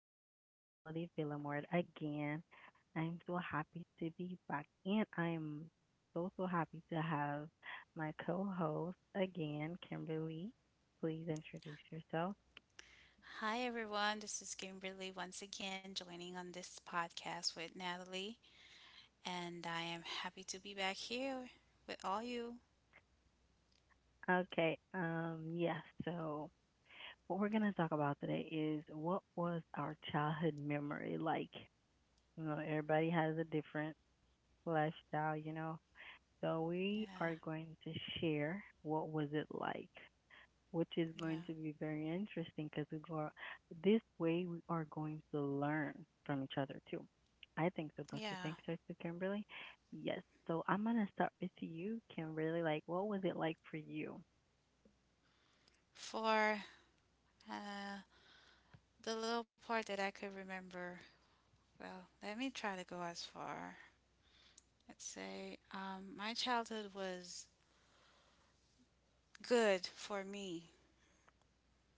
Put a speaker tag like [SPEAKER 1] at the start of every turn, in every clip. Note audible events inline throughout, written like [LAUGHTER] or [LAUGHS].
[SPEAKER 1] This is Natalie Villamort again. I'm so happy to be back, and I'm so happy to have my co-host again, Kimberly. Please introduce yourself.
[SPEAKER 2] Hi, everyone. This is Kimberly once again joining on this podcast with Natalie, and I am happy to be back here with all you.
[SPEAKER 1] Okay. Yeah. So, what we're gonna talk about today is what was our childhood memory like. Everybody has a different lifestyle. So we are
[SPEAKER 2] Yeah,
[SPEAKER 1] going to share what was it like. Which is going to
[SPEAKER 2] yeah,
[SPEAKER 1] be very interesting because we go this way we are going to learn from each other too. I think so. Don't you think
[SPEAKER 2] yeah.
[SPEAKER 1] so, too, Kimberly? Yes. So I'm gonna start with you, Kimberly. Like, what was it like for you?
[SPEAKER 2] For uh, the little part that I could remember, well, let me try to go as far. Let's say my childhood was good for me.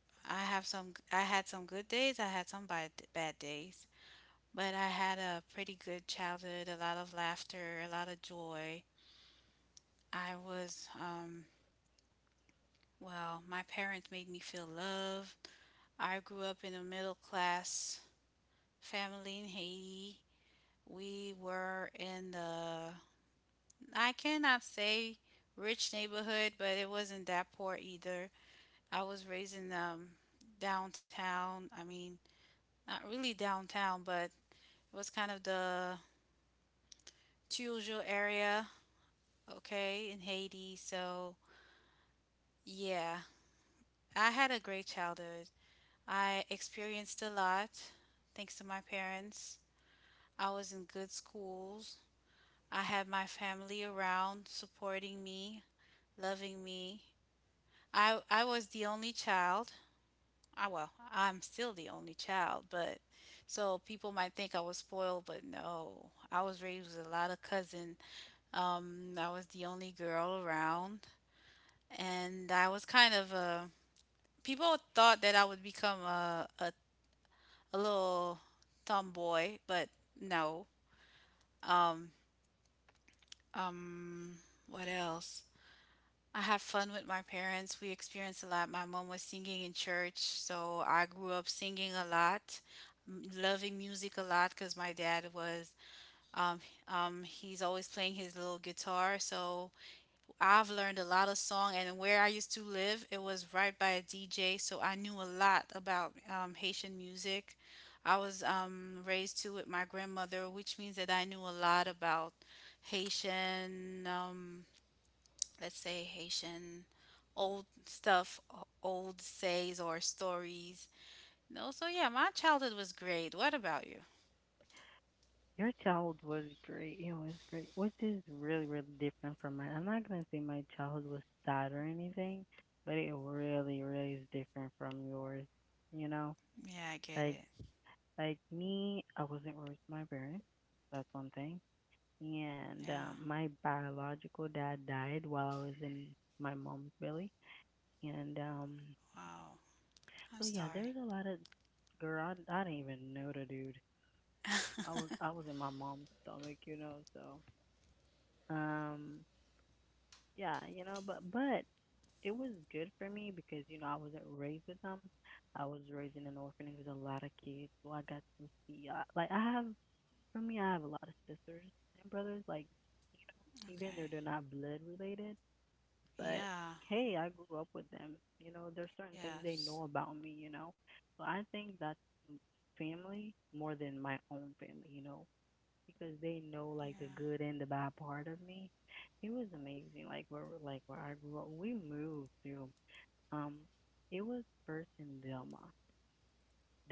[SPEAKER 2] I have some. I had some good days. I had some bad days. But I had a pretty good childhood. A lot of laughter. A lot of joy. I was, um, well, my parents made me feel loved. I grew up in a middle class family in Haiti. We were in the, I cannot say rich neighborhood, but it wasn't that poor either. I was raised in downtown. I mean, not really downtown, but it was kind of the Tijuana area, okay, in Haiti. So, yeah, I had a great childhood. I experienced a lot thanks to my parents. I was in good schools. I had my family around supporting me, loving me. I was the only child. I well, I'm still the only child, but so people might think I was spoiled, but no. I was raised with a lot of cousins. I was the only girl around, and I was kind of a. people thought that I would become a little tomboy, but no. Um, um, what else? I have fun with my parents. We experienced a lot. My mom was singing in church, so I grew up singing a lot, loving music a lot because um, he's always playing his little guitar. So I've learned a lot of song, and where I used to live, it was right by a DJ, so I knew a lot about Haitian music. I was raised to it my grandmother, which means that I knew a lot about Haitian, um, let's say Haitian old stuff, old says or stories. No, so yeah, my childhood was great. What about you?
[SPEAKER 1] Your childhood was great. It was great, which is really, really different from mine. I'm not gonna say my childhood was sad or anything, but it really, really is different from yours. You know,
[SPEAKER 2] Yeah, I get
[SPEAKER 1] like,
[SPEAKER 2] it.
[SPEAKER 1] like me, I wasn't raised by my parents. That's one thing, and
[SPEAKER 2] Yeah.
[SPEAKER 1] my biological dad died while I was in my mom's belly. And
[SPEAKER 2] Wow. I'm
[SPEAKER 1] so yeah,
[SPEAKER 2] sorry.
[SPEAKER 1] there's a lot of, girl. I didn't even know the dude. I was in my mom's stomach, you know. So um, yeah, you know, but it was good for me because you know I wasn't raised with them. I was raised in an orphanage with a lot of kids, so I got to see. Like I have, for me, I have a lot of sisters and brothers. Like you know, even
[SPEAKER 2] Okay.
[SPEAKER 1] though they're not blood related, but
[SPEAKER 2] Yeah.
[SPEAKER 1] hey, I grew up with them. You know, there's certain things
[SPEAKER 2] Yes.
[SPEAKER 1] they know about me, you know. So I think that's m- family more than my own family, you know, because they know like
[SPEAKER 2] Yeah.
[SPEAKER 1] the good and the bad part of me. It was amazing. Like where I grew up, we moved to, um it was first in Delma.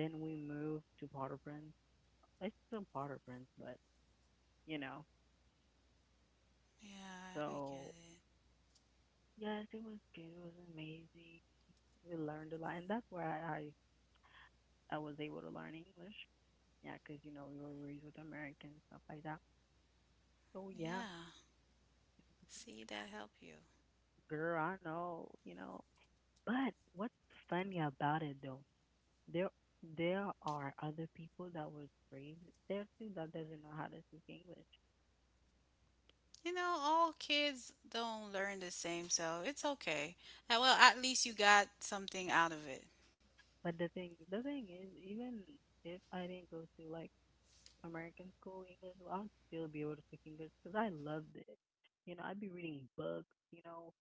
[SPEAKER 1] Then we moved to Potter Prince. It's still Potter Prince, but you know.
[SPEAKER 2] Yeah, I get
[SPEAKER 1] So
[SPEAKER 2] it.
[SPEAKER 1] yes, it was good. It was amazing. We learned a lot, and that's where I was able to learn English. Yeah, cause you know we were raised with Americans, stuff like that. So yeah,
[SPEAKER 2] Yeah. See, that help you.
[SPEAKER 1] girl, I know, you know. But what's funny about it though? There there are other people that was raised there too that doesn't know how to speak English.
[SPEAKER 2] You know, all kids don't learn the same, so it's okay. Well, at least you got something out of it.
[SPEAKER 1] But the thing is, even if I didn't go to like American school English, well, I'd still be able to speak English, cause I loved it. You know, I'd be reading books, you know,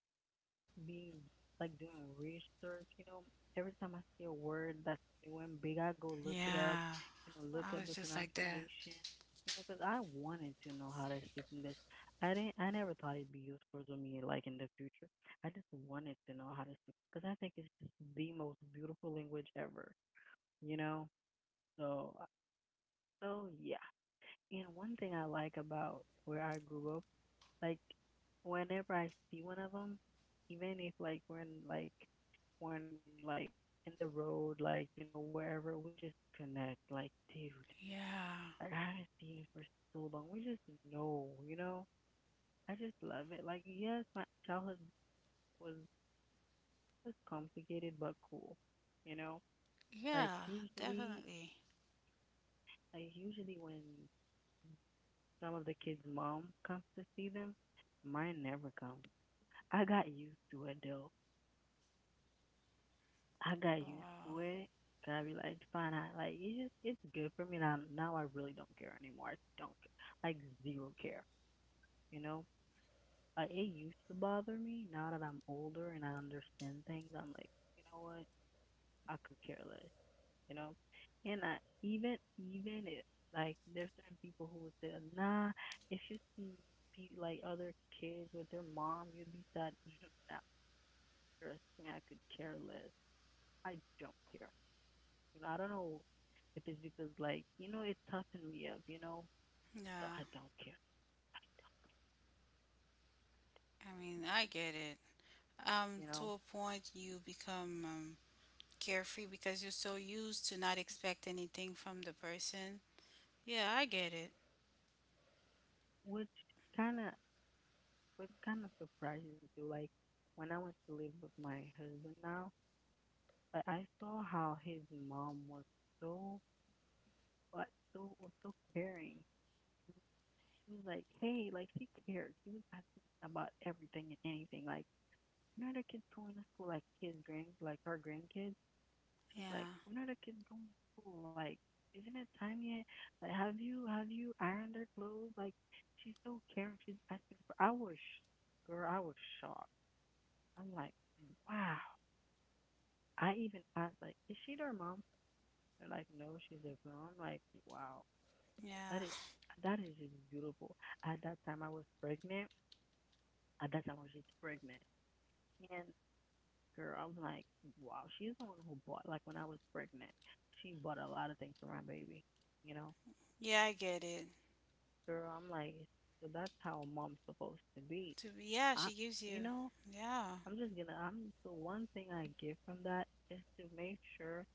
[SPEAKER 1] be like doing research, you know. Every time I see a word that's new and big, I go look it up,
[SPEAKER 2] Yeah.
[SPEAKER 1] you know, look
[SPEAKER 2] I
[SPEAKER 1] up
[SPEAKER 2] was
[SPEAKER 1] the
[SPEAKER 2] just like that.
[SPEAKER 1] pronunciation, you know, cause I wanted to know how to speak English. I never thought it'd be useful to me, like in the future. I just wanted to know how to speak, cause I think it's just the most beautiful language ever, you know. So, uh, so yeah. And one thing I like about where I grew up, like whenever I see one of them, even if like we're in like we're in like in the road, like you know wherever, we just connect. Like dude,
[SPEAKER 2] Yeah.
[SPEAKER 1] like I haven't seen you for so long. We just know, you know. I just love it. Like yes, my childhood was complicated but cool, you know. Like
[SPEAKER 2] Yeah,
[SPEAKER 1] usually,
[SPEAKER 2] definitely.
[SPEAKER 1] like usually when some of the kids' mom comes to see them, mine never come. I got used to it though. I
[SPEAKER 2] Oh,
[SPEAKER 1] got used
[SPEAKER 2] wow.
[SPEAKER 1] to it. I be like, fine. Like it's good for me now. Now I really don't care anymore. I don't care. Like zero care. You know, like it used to bother me. Now that I'm older and I understand things, I'm like, you know what? I could care less. You know, and I even it like there's certain people who would say, nah, if you see like other kids with their mom, you'd be sad. [LAUGHS] Nah, trust me, I could care less. I don't care. You know, I don't know if it's because like, you know, it toughened me up, you know. So I
[SPEAKER 2] Yeah.
[SPEAKER 1] don't care,
[SPEAKER 2] I mean, I get it.
[SPEAKER 1] you know.
[SPEAKER 2] To a point, you become carefree because you're so used to not expect anything from the person. Yeah, I get it.
[SPEAKER 1] Which kinda which kinda surprises me too. Like when I went to live with my husband now, like I saw how his mom was so so caring. She was like, hey, like she cared. She was asking about everything and anything. Like, you know the kids going to school, like his grand like her grandkids? She's like,
[SPEAKER 2] Yeah.
[SPEAKER 1] when are the kids going to school? Like, isn't it time yet? Like, have you ironed their clothes? Like, she's so caring. She's acting. For, I was, sh- Girl, I was shocked. I'm like, wow. I even asked, like, is she their mom? They're like, no, she's their girl. I'm like, wow, that
[SPEAKER 2] Yeah.
[SPEAKER 1] is just beautiful. At that time, I was pregnant. At that time, I was just pregnant, and girl, I'm like, wow, she's the one who bought. Like when I was pregnant, she bought a lot of things for my baby. You know,
[SPEAKER 2] Yeah, I get it.
[SPEAKER 1] girl, I'm like, so that's how a mom's supposed to be.
[SPEAKER 2] To be, yeah,
[SPEAKER 1] I,
[SPEAKER 2] she gives
[SPEAKER 1] you
[SPEAKER 2] you.
[SPEAKER 1] know,
[SPEAKER 2] Yeah.
[SPEAKER 1] I'm, the one thing I get from that is to make sure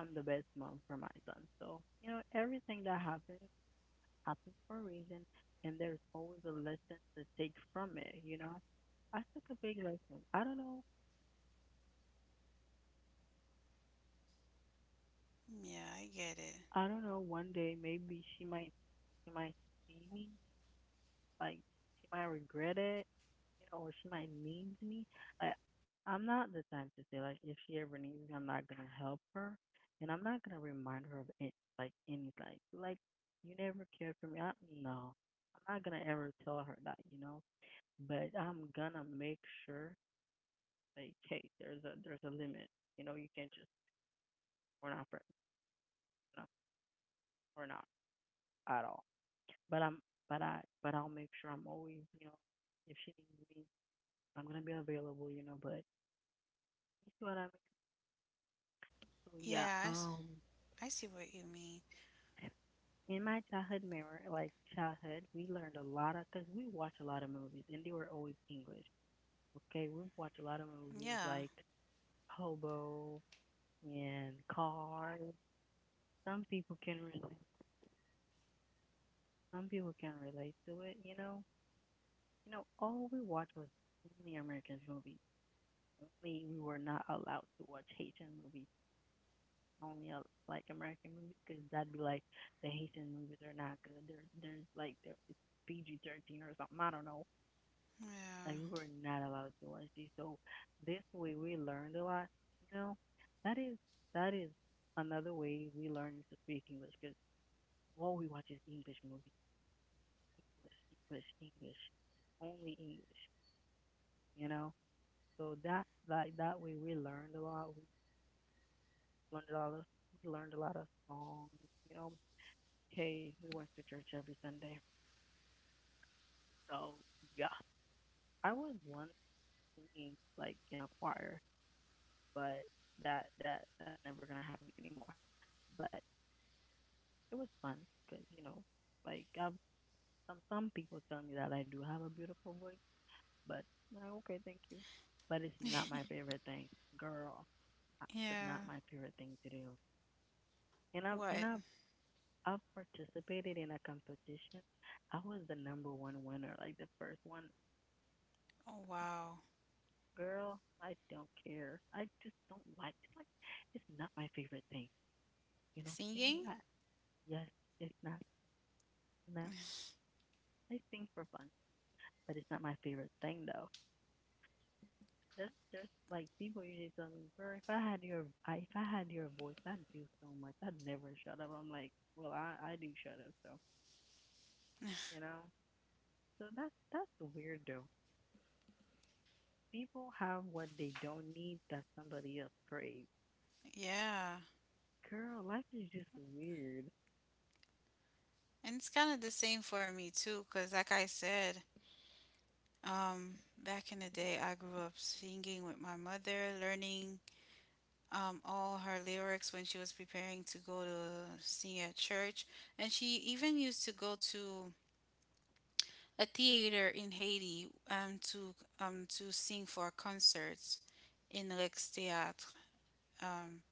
[SPEAKER 1] I'm the best mom for my son. So, you know, everything that happens happens for a reason, and there's always a lesson to take from it, you know? I took a big lesson. I don't know,
[SPEAKER 2] Yeah, I get it.
[SPEAKER 1] one day maybe she might see me, like, she might regret it, you know, or she might need me. I, I'm not the type to say like if she ever needs me, I'm not gonna help her, and I'm not gonna remind her of it, like any like you never cared for me. No, I'm not gonna ever tell her that, you know. But I'm gonna make sure, like hey, there's a limit. You know, you can't just, we're not friends. No, we're not at all. But I'm but I'll make sure I'm always, you know, if she needs me, I'm gonna be available. You know, but you see what I mean. So yeah,
[SPEAKER 2] Yeah, I see what you mean.
[SPEAKER 1] in my childhood memory, like childhood, we learned a lot of, because we watched a lot of movies and they were always English. Okay, we watched a lot of movies
[SPEAKER 2] Yeah.
[SPEAKER 1] like Hobo and Cars. Some people can relate. Some people can relate to it. You know, all we watched was only American movies. Only, we were not allowed to watch Haitian movies. Only like American movies because that'd be like the Haitian movies are not good. There's like there, it's PG-13 or something. I don't know. Like
[SPEAKER 2] Yeah.
[SPEAKER 1] we were not allowed to watch these. So this way we learned a lot. You know, that is that is another way we learn to speak English because all we watch is English movies, English, English, English, only English. You know, so that, like that way we learned a lot. We learned a lot of We learned a lot of songs. You know, hey, we went to church every Sunday. So yeah, I was once singing like in a choir, but that's never gonna happen anymore. But it was fun because, you know, like some people tell me that I do have a beautiful voice, but I'm like, okay, thank you. But it's not my favorite thing, girl. It's not
[SPEAKER 2] Yeah.
[SPEAKER 1] my favorite thing to do. And
[SPEAKER 2] What?
[SPEAKER 1] I've participated in a competition. I was the number one winner, like the first one.
[SPEAKER 2] Oh, wow.
[SPEAKER 1] Girl, I don't care. I just don't like. It's like it's not my favorite thing. You know, singing.
[SPEAKER 2] Singing?
[SPEAKER 1] Yes, it's not. No, I sing for fun, but it's not my favorite thing though. That's just like people usually tell me, bro, if I had your I, if I had your voice, I'd do so much. I'd never shut up. I'm like, well, I do shut up, so you know. So that's weird though. People have what they don't need that somebody else craves.
[SPEAKER 2] Yeah.
[SPEAKER 1] Girl, life is just weird.
[SPEAKER 2] And it's kind of the same for me too, 'cause like I said, back in the day, I grew up singing with my mother, learning all her lyrics when she was preparing to go to sing at church, and she even used to go to a theater in Haiti to sing for concerts in Rex Theatre. Um,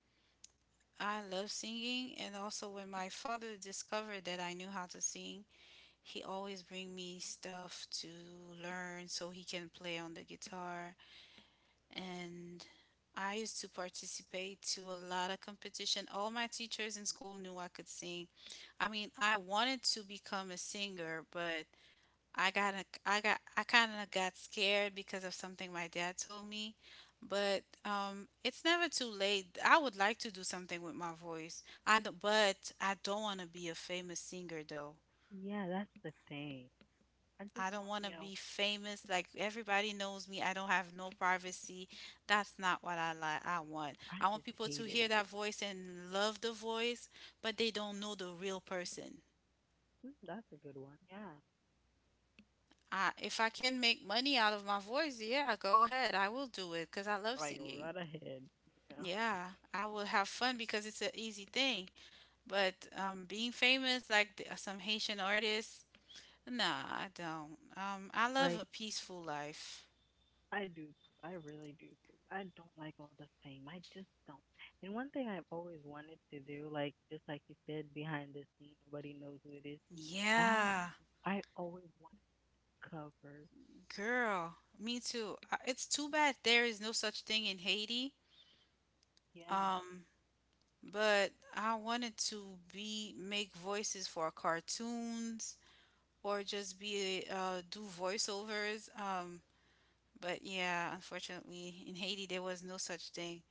[SPEAKER 2] I love singing, and also when my father discovered that I knew how to sing, he always bring me stuff to learn so he can play on the guitar. And I used to participate to a lot of competition. All my teachers in school knew I could sing. I mean, I wanted to become a singer, but I got I kind of got scared because of something my dad told me, but it's never too late. I would like to do something with my voice. I don't, but I don't want to be a famous singer though.
[SPEAKER 1] Yeah, that's the thing. I just
[SPEAKER 2] I
[SPEAKER 1] want,
[SPEAKER 2] don't want to be famous like everybody knows me. I don't have no privacy. That's not what I like. I want.
[SPEAKER 1] I
[SPEAKER 2] I
[SPEAKER 1] just
[SPEAKER 2] want people
[SPEAKER 1] hate
[SPEAKER 2] to
[SPEAKER 1] it.
[SPEAKER 2] hear that voice and love the voice, but they don't know the real person.
[SPEAKER 1] Mm, that's a good one. Yeah,
[SPEAKER 2] If I can make money out of my voice, yeah, go ahead. I will do it because I love
[SPEAKER 1] like right
[SPEAKER 2] singing.
[SPEAKER 1] ahead. Yeah,
[SPEAKER 2] Yeah, I will have fun because it's an easy thing. But being famous, like some Haitian artists, nah, I don't. I
[SPEAKER 1] like
[SPEAKER 2] love a peaceful life.
[SPEAKER 1] I do. I really do. I don't like all the fame. I just don't. And one thing I've always wanted to do, like just like you said, behind the scene, nobody knows who it is. I
[SPEAKER 2] Yeah,
[SPEAKER 1] I always wanted covers.
[SPEAKER 2] girl, me too. It's too bad there is no such thing in Haiti.
[SPEAKER 1] Yeah,
[SPEAKER 2] Um, but I wanted to be make voices for cartoons or just be do voiceovers. But yeah, unfortunately in Haiti there was no such thing.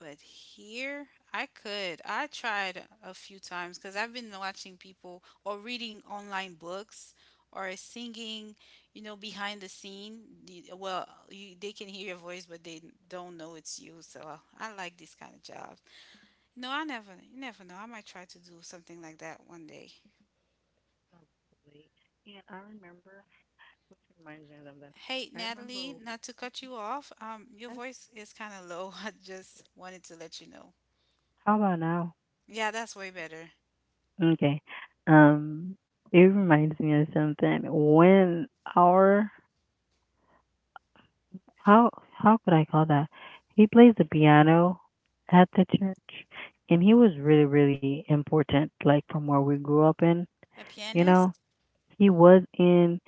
[SPEAKER 2] But here, I could. I tried a few times because I've been watching people or reading online books or singing, you know, behind the scene. Well, you, they can hear your voice, but they don't know it's you. So I like this kind of job. No, I never, you never know. I might try to do something like that one day.
[SPEAKER 1] absolutely. And I remember, which reminds me of something.
[SPEAKER 2] Hey,
[SPEAKER 1] I
[SPEAKER 2] Natalie,
[SPEAKER 1] remember.
[SPEAKER 2] not to cut you off, your
[SPEAKER 1] That's,
[SPEAKER 2] voice is kind of low. [LAUGHS] I just wanted to let you know.
[SPEAKER 1] how about now?
[SPEAKER 2] Yeah, that's way better.
[SPEAKER 1] Okay. Um, it reminds me of something. When our how how could I call that? He plays the piano at the church, and he was really important. Like from where we grew up in,
[SPEAKER 2] A
[SPEAKER 1] you know,
[SPEAKER 2] pianist?
[SPEAKER 1] he was in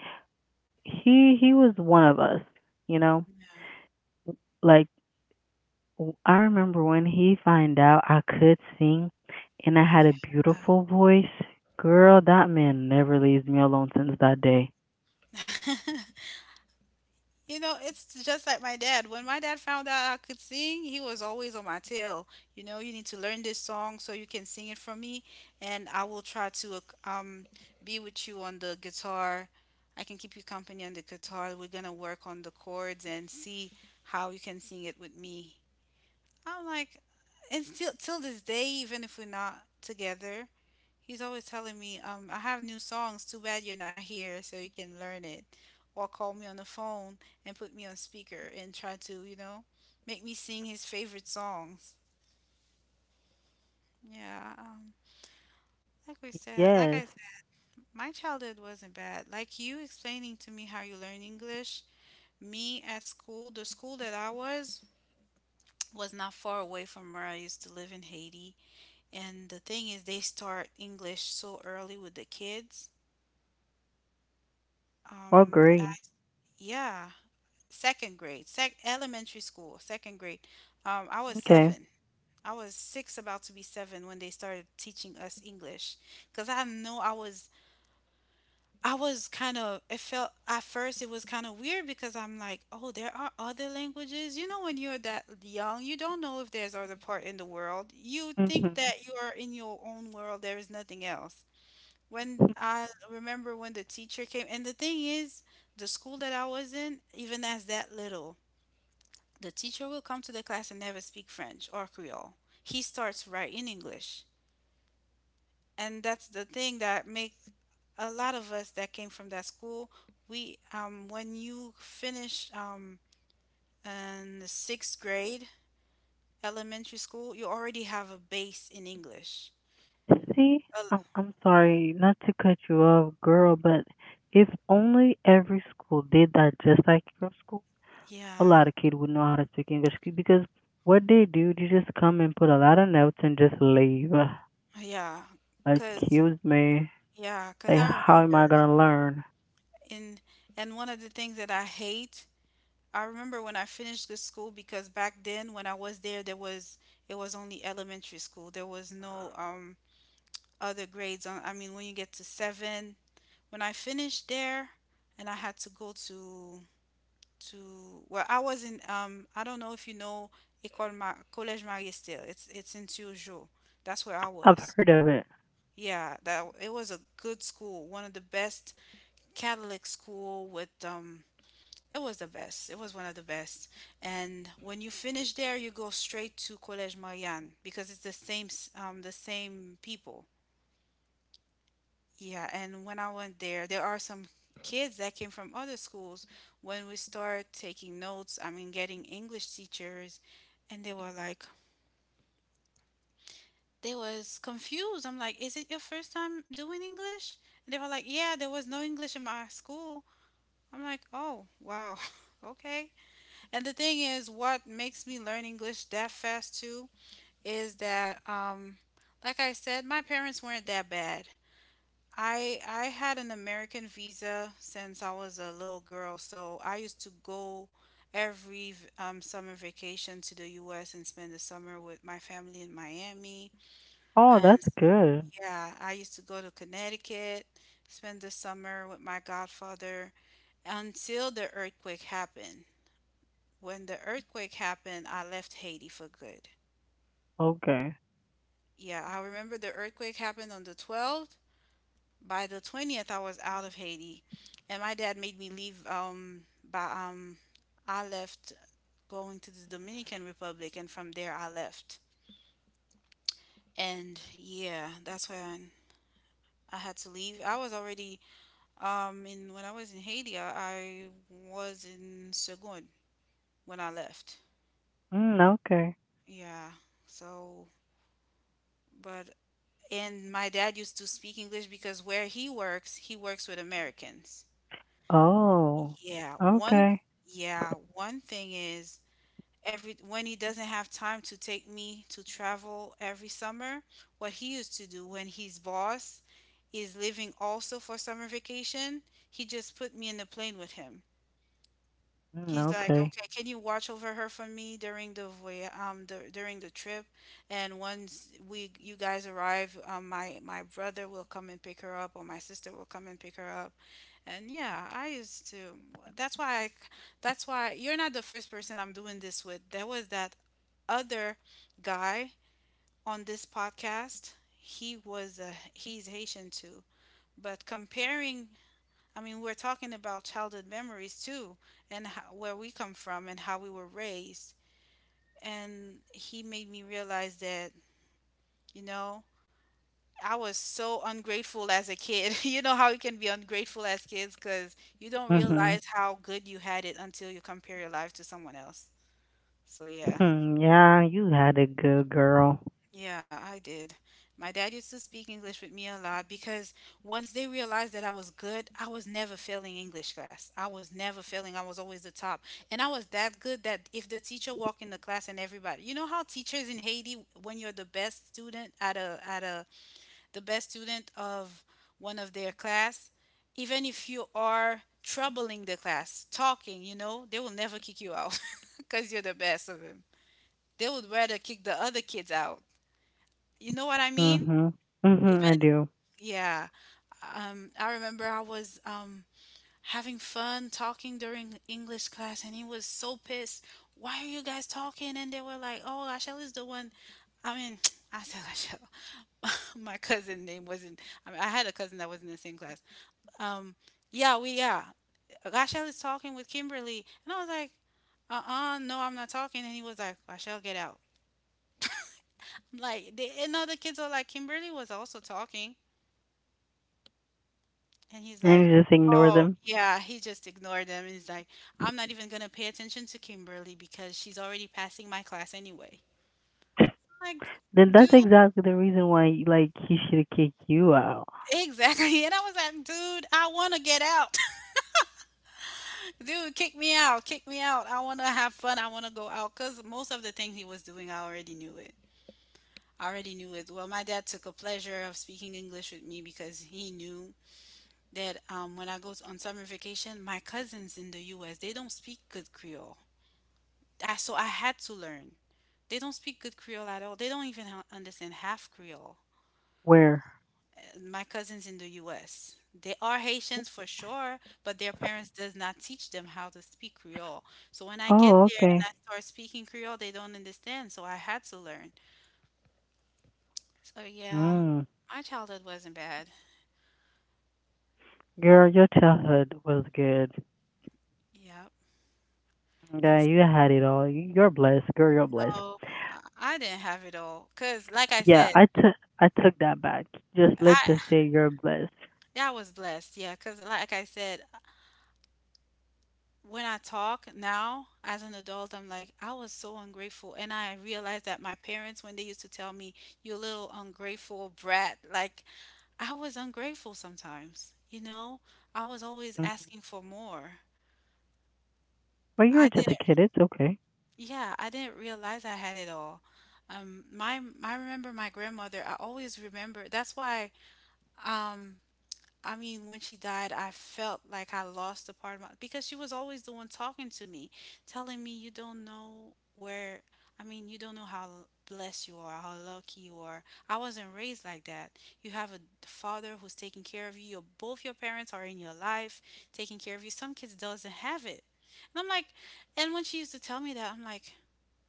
[SPEAKER 1] he was one of us. You know, like I remember when he find out I could sing, and I had a beautiful voice. Girl, that man never leaves me alone since that day.
[SPEAKER 2] Yeah. [LAUGHS] You know, it's just like my dad. When my dad found out I could sing, he was always on my tail. You know, you need to learn this song so you can sing it for me, and I will try to be with you on the guitar. I can keep you company on the guitar. We're gonna work on the chords and see how you can sing it with me. I'm like, and still till this day, even if we're not together, he's always telling me, I have new songs. Too bad you're not here, so you can learn it, or call me on the phone and put me on speaker and try to, you know, make me sing his favorite songs. Yeah. Um,
[SPEAKER 1] Yes.
[SPEAKER 2] like I said, my childhood wasn't bad. Like you explaining to me how you learn English. Me at school, the school that I was not far away from where I used to live in Haiti. And the thing is, they start English so early with the kids.
[SPEAKER 1] Oh,
[SPEAKER 2] Um, uh,
[SPEAKER 1] great.
[SPEAKER 2] yeah, sec elementary school, second grade. I was
[SPEAKER 1] Okay.
[SPEAKER 2] seven. About to be seven when they started teaching us English. Cause I know I was, It felt at first it was kind of weird because I'm like, oh, there are other languages. You know, when you're that young, you don't know if there's other part in the world. You think
[SPEAKER 1] Hmm.
[SPEAKER 2] that you are in your own world. There is nothing else. When I remember when the teacher came, and the thing is, the school that I was in, even as that little, the teacher will come to the class and never speak French or Creole. He starts right in English. And that's the thing that makes a lot of us that came from that school, we when you finish in the sixth grade elementary school, you already have a base in English.
[SPEAKER 1] See,
[SPEAKER 2] Uh,
[SPEAKER 1] I'm sorry, not to cut you off, girl, but if only every school did that just like your school, a
[SPEAKER 2] yeah,
[SPEAKER 1] lot of kids would know how to speak English because what they do, they just come and put a lot of notes and just leave.
[SPEAKER 2] yeah,
[SPEAKER 1] [SIGHS]
[SPEAKER 2] cause
[SPEAKER 1] Excuse me.
[SPEAKER 2] yeah, cause
[SPEAKER 1] Like,
[SPEAKER 2] I
[SPEAKER 1] how am
[SPEAKER 2] remember.
[SPEAKER 1] I gonna learn?
[SPEAKER 2] And and one of the things that I hate, I remember when I finished the school because back then when I was there there was it was only elementary school. There was no other grades on. I mean, when you get to 7, when I finished there and I had to go to, well, I was in I don't know if you know École Mar Collège Marie-Estelle. It's in Turgeot. That's where I
[SPEAKER 1] I've
[SPEAKER 2] was.
[SPEAKER 1] heard of it.
[SPEAKER 2] Yeah, that it was a good school, one of the best Catholic school with um, it was the best. It was one of the best. And when you finish there, you go straight to Collège Marianne because it's the same people. Yeah, and when I went there, there are some kids that came from other schools. When we start taking notes, I mean, getting English teachers, and they were like, they was confused. I'm like, is it your first time doing English? And they were like, yeah, there was no English in my school. I'm like, oh wow, [LAUGHS] okay. And the thing is, what makes me learn English that fast too is that, like I said, my parents weren't that bad. I had an American visa since I was a little girl, so I used to go every summer vacation to the U.S. and spend the summer with my family in Miami.
[SPEAKER 1] Oh,
[SPEAKER 2] And
[SPEAKER 1] that's good.
[SPEAKER 2] yeah, I used to go to Connecticut, spend the summer with my godfather until the earthquake happened. When the earthquake happened, I left Haiti for good.
[SPEAKER 1] Okay.
[SPEAKER 2] Yeah, I remember the earthquake happened on the 12th. By the 20th, I was out of Haiti, and my dad made me leave. By I left going to the Dominican Republic, and from there, I left. And yeah, that's when I had to leave. I was already in when I was in Haiti, I was in Segun when I left.
[SPEAKER 1] Mm, okay.
[SPEAKER 2] Yeah. So, but and my dad used to speak English because where he works with Americans.
[SPEAKER 1] Oh,
[SPEAKER 2] Yeah, one
[SPEAKER 1] okay.
[SPEAKER 2] yeah, one thing is every when he doesn't have time to take me to travel every summer, what he used to do when his boss is leaving also for summer vacation, he just put me in the plane with him.
[SPEAKER 1] Mm,
[SPEAKER 2] He's like,
[SPEAKER 1] okay.
[SPEAKER 2] okay, can you watch over her for me during the during the trip? And once we you guys arrive, my brother will come and pick her up, or my sister will come and pick her up. And yeah, I used to. That's why I, that's why you're not the first person I'm doing this with. There was that other guy on this podcast. He was a he's Haitian too, but comparing I mean, we're talking about childhood memories too, and how, where we come from and how we were raised. And he made me realize that, you know, I was so ungrateful as a kid. [LAUGHS] You know how you can be ungrateful as kids because you don't
[SPEAKER 1] Mm-hmm.
[SPEAKER 2] realize how good you had it until you compare your life to someone else. So, yeah.
[SPEAKER 1] Hmm, yeah, you had a good girl.
[SPEAKER 2] Yeah, I did. My dad used to speak English with me a lot because once they realized that I was good, I was never failing English class. I was never failing. I was always the top. And I was that good that if the teacher walked in the class and everybody, you know how teachers in Haiti, when you're the best student at a the best student of one of their class, even if you are troubling the class, talking, you know, they will never kick you out [LAUGHS] because you're the best of them. They would rather kick the other kids out. You know what I mean?
[SPEAKER 1] Mhm. Mhm, I
[SPEAKER 2] Even
[SPEAKER 1] do,
[SPEAKER 2] yeah, I remember I was having fun talking during English class, and he was so pissed. Why are you guys talking? And they were like, "Oh, Lachelle is the one." I mean, [TSK] I said Lachelle. [LAUGHS] My cousin name wasn't. I mean, I had a cousin that was in the same class. Um, yeah, Lachelle is talking with Kimberly, and I was like, "Uh-uh, no, I'm not talking." And he was like, "Lachelle, get out." Like, the, and other kids are like, Kimberly was also talking. And he's like,
[SPEAKER 1] and you just ignore
[SPEAKER 2] oh,
[SPEAKER 1] them.
[SPEAKER 2] yeah, he just ignored them. And he's like, I'm not even going to pay attention to Kimberly because she's already passing my class anyway. Like,
[SPEAKER 1] Then
[SPEAKER 2] dude,
[SPEAKER 1] that's exactly the reason why, like, he should kick you out.
[SPEAKER 2] exactly. [LAUGHS] And I was like, dude, I want to get out. [LAUGHS] Dude, kick me out. Kick me out. I want to have fun. I want to go out. Because most of the things he was doing, I already knew it. I already knew it. Well, my dad took a pleasure of speaking English with me because he knew that when I go on summer vacation, my cousins in the U.S., they don't speak good Creole. So I had to learn. They don't speak good Creole at all. They don't even understand half Creole.
[SPEAKER 1] Where?
[SPEAKER 2] My cousins in the U.S. They are Haitians for sure, but their parents does not teach them how to speak Creole. So when I get
[SPEAKER 1] Oh,
[SPEAKER 2] there and
[SPEAKER 1] okay.
[SPEAKER 2] I start speaking Creole, they don't understand. So I had to learn. So yeah,
[SPEAKER 1] Mm.
[SPEAKER 2] my childhood wasn't bad.
[SPEAKER 1] Girl, your childhood was good.
[SPEAKER 2] Yep. And
[SPEAKER 1] Yeah, you had it all. You- You're blessed, girl. You're blessed.
[SPEAKER 2] so I didn't have it all, cause like I
[SPEAKER 1] Yeah,
[SPEAKER 2] said,
[SPEAKER 1] I took that back. Just let's just
[SPEAKER 2] I
[SPEAKER 1] say you're blessed.
[SPEAKER 2] yeah I was blessed. Yeah, cause like I said, when I talk now as an adult, I'm like, I was so ungrateful. And I realized that my parents, when they used to tell me, you little ungrateful brat, like I was ungrateful sometimes, you know? I was always
[SPEAKER 1] Mhm.
[SPEAKER 2] asking for more.
[SPEAKER 1] But you were
[SPEAKER 2] I
[SPEAKER 1] just a
[SPEAKER 2] didn't,
[SPEAKER 1] kid. It's okay.
[SPEAKER 2] yeah, I didn't realize I had it all. I remember my grandmother, I always remember, that's why. Um, I mean, when she died, I felt like I lost a part of my because she was always the one talking to me, telling me you don't know where. I mean, you don't know how blessed you are, how lucky you are. I wasn't raised like that. You have a father who's taking care of you. Your, both your parents are in your life, taking care of you. Some kids doesn't have it. And I'm like, and when she used to tell me that, I'm like,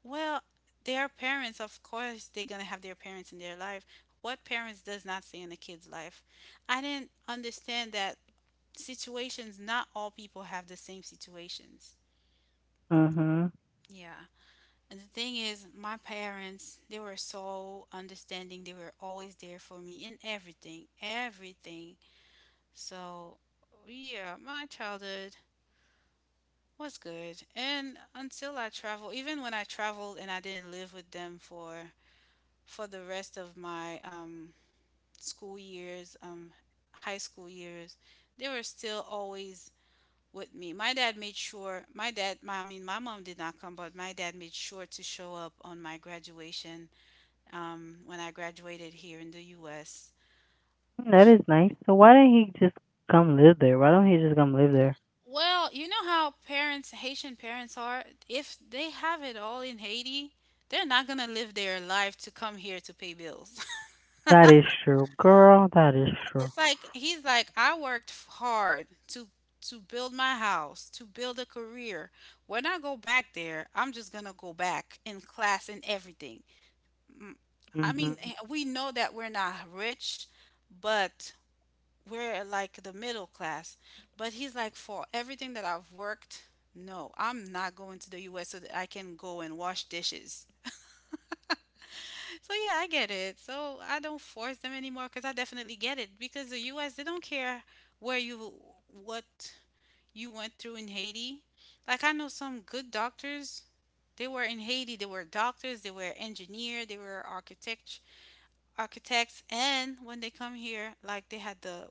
[SPEAKER 2] well, their parents, of course, they're gonna have their parents in their life. What parents does not stay in the kid's life? I didn't understand that situations, not all people have the same situations.
[SPEAKER 1] Mhm.
[SPEAKER 2] Yeah. And the thing is, my parents, they were so understanding. They were always there for me in everything, everything. So, yeah, my childhood was good. And until I traveled. Even when I traveled and I didn't live with them for the rest of my school years, high school years, they were still always with me. My dad made sure, I mean, my mom did not come, but my dad made sure to show up on my graduation when I graduated here in the US.
[SPEAKER 1] That
[SPEAKER 2] He,
[SPEAKER 1] is nice. So why didn't he just come live there? Why don't he just come live there?
[SPEAKER 2] well, you know how parents, Haitian parents are? If they have it all in Haiti, they're not going to live their life to come here to pay bills.
[SPEAKER 1] That is true, girl. That is true.
[SPEAKER 2] It's like He's like I worked hard to build my house, to build a career. When I go back there, I'm just gonna go back in class and everything. Mm, I mean,
[SPEAKER 1] Mhm.
[SPEAKER 2] we know that we're not rich, but we're like the middle class. But he's like, for everything that I've worked, no, I'm not going to the U.S. so that I can go and wash dishes. So yeah, I get it. So I don't force them anymore because I definitely get it because the U.S. they don't care where you what you went through in Haiti. Like I know some good doctors. They were in Haiti. They were doctors. They were engineer. They were architects. And when they come here, like they had the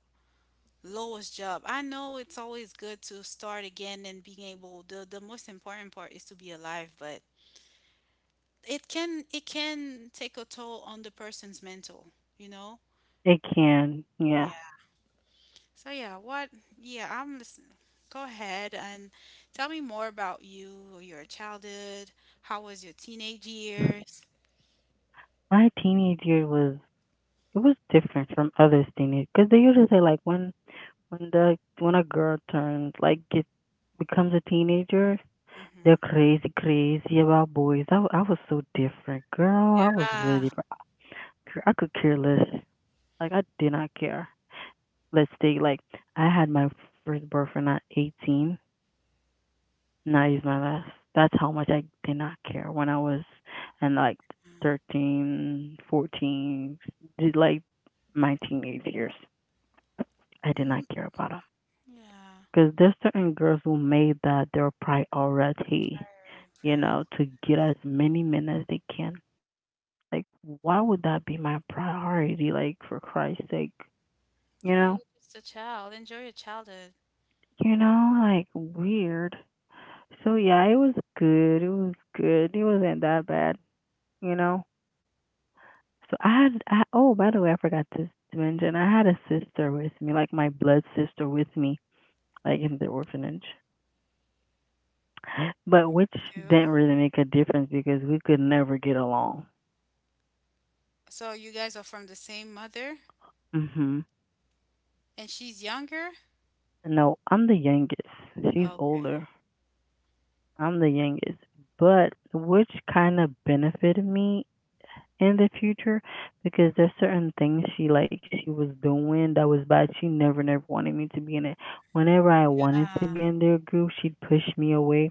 [SPEAKER 2] lowest job. I know it's always good to start again and being able. The most important part is to be alive, but it can take a toll on the person's mental you know.
[SPEAKER 1] It can, yeah.
[SPEAKER 2] Yeah. So yeah, what? Yeah, I'm listening. Go ahead and tell me more about you, your childhood. How was your teenage years?
[SPEAKER 1] My teenage year was it was different from other teenage because they usually say like when a girl turns like get becomes a teenager, they're
[SPEAKER 2] Mm-hmm.
[SPEAKER 1] crazy about boys. I was so different, girl. I was really
[SPEAKER 2] Yeah.
[SPEAKER 1] different. Girl, I could care less. Like I did not care. Let's say like I had my first boyfriend at 18. Not use my last. That's how much I did not care when I was in like 13, 14, did like my teenage years. I did
[SPEAKER 2] Mm,
[SPEAKER 1] not care about them
[SPEAKER 2] yeah.
[SPEAKER 1] because there's certain girls who made that their priority,
[SPEAKER 2] Very,
[SPEAKER 1] you
[SPEAKER 2] very.
[SPEAKER 1] know, to get as many men as they can. Like, why would that be my priority? Like, for Christ's sake, you
[SPEAKER 2] Yeah,
[SPEAKER 1] know,
[SPEAKER 2] you're just a child. Enjoy your childhood.
[SPEAKER 1] you know, like weird. So yeah, it was good. It was good. It wasn't that bad, you know. So I had, I, oh, by the way, I forgot to mention, I had a sister with me, like my blood sister with me, like in the orphanage, but which
[SPEAKER 2] You do.
[SPEAKER 1] didn't really make a difference because we could never get along.
[SPEAKER 2] So you guys are from the same mother,
[SPEAKER 1] Hmm.
[SPEAKER 2] and she's younger.
[SPEAKER 1] No, I'm the youngest. She's
[SPEAKER 2] Okay.
[SPEAKER 1] older. I'm the youngest. But which kind of benefited me in the future because there's certain things she was doing that was bad. She never wanted me to be in it. Whenever I wanted to
[SPEAKER 2] Yeah.
[SPEAKER 1] be in their group, she'd push me away.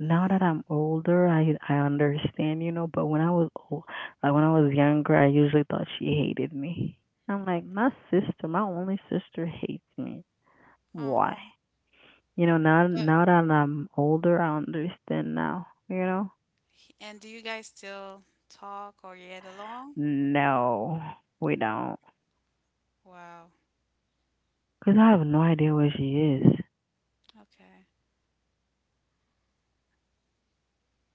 [SPEAKER 1] Now
[SPEAKER 2] Yeah.
[SPEAKER 1] that I'm older, I understand, you know. But when I was old, like when I was younger, I usually thought she hated me. I'm like my sister, my only sister hates me. Why?
[SPEAKER 2] Oh.
[SPEAKER 1] You know, now
[SPEAKER 2] But
[SPEAKER 1] now that I'm older, I understand now. You know?
[SPEAKER 2] and do you guys still talk or get along?
[SPEAKER 1] No, we don't.
[SPEAKER 2] Wow.
[SPEAKER 1] Cause I have no idea where she is.
[SPEAKER 2] Okay.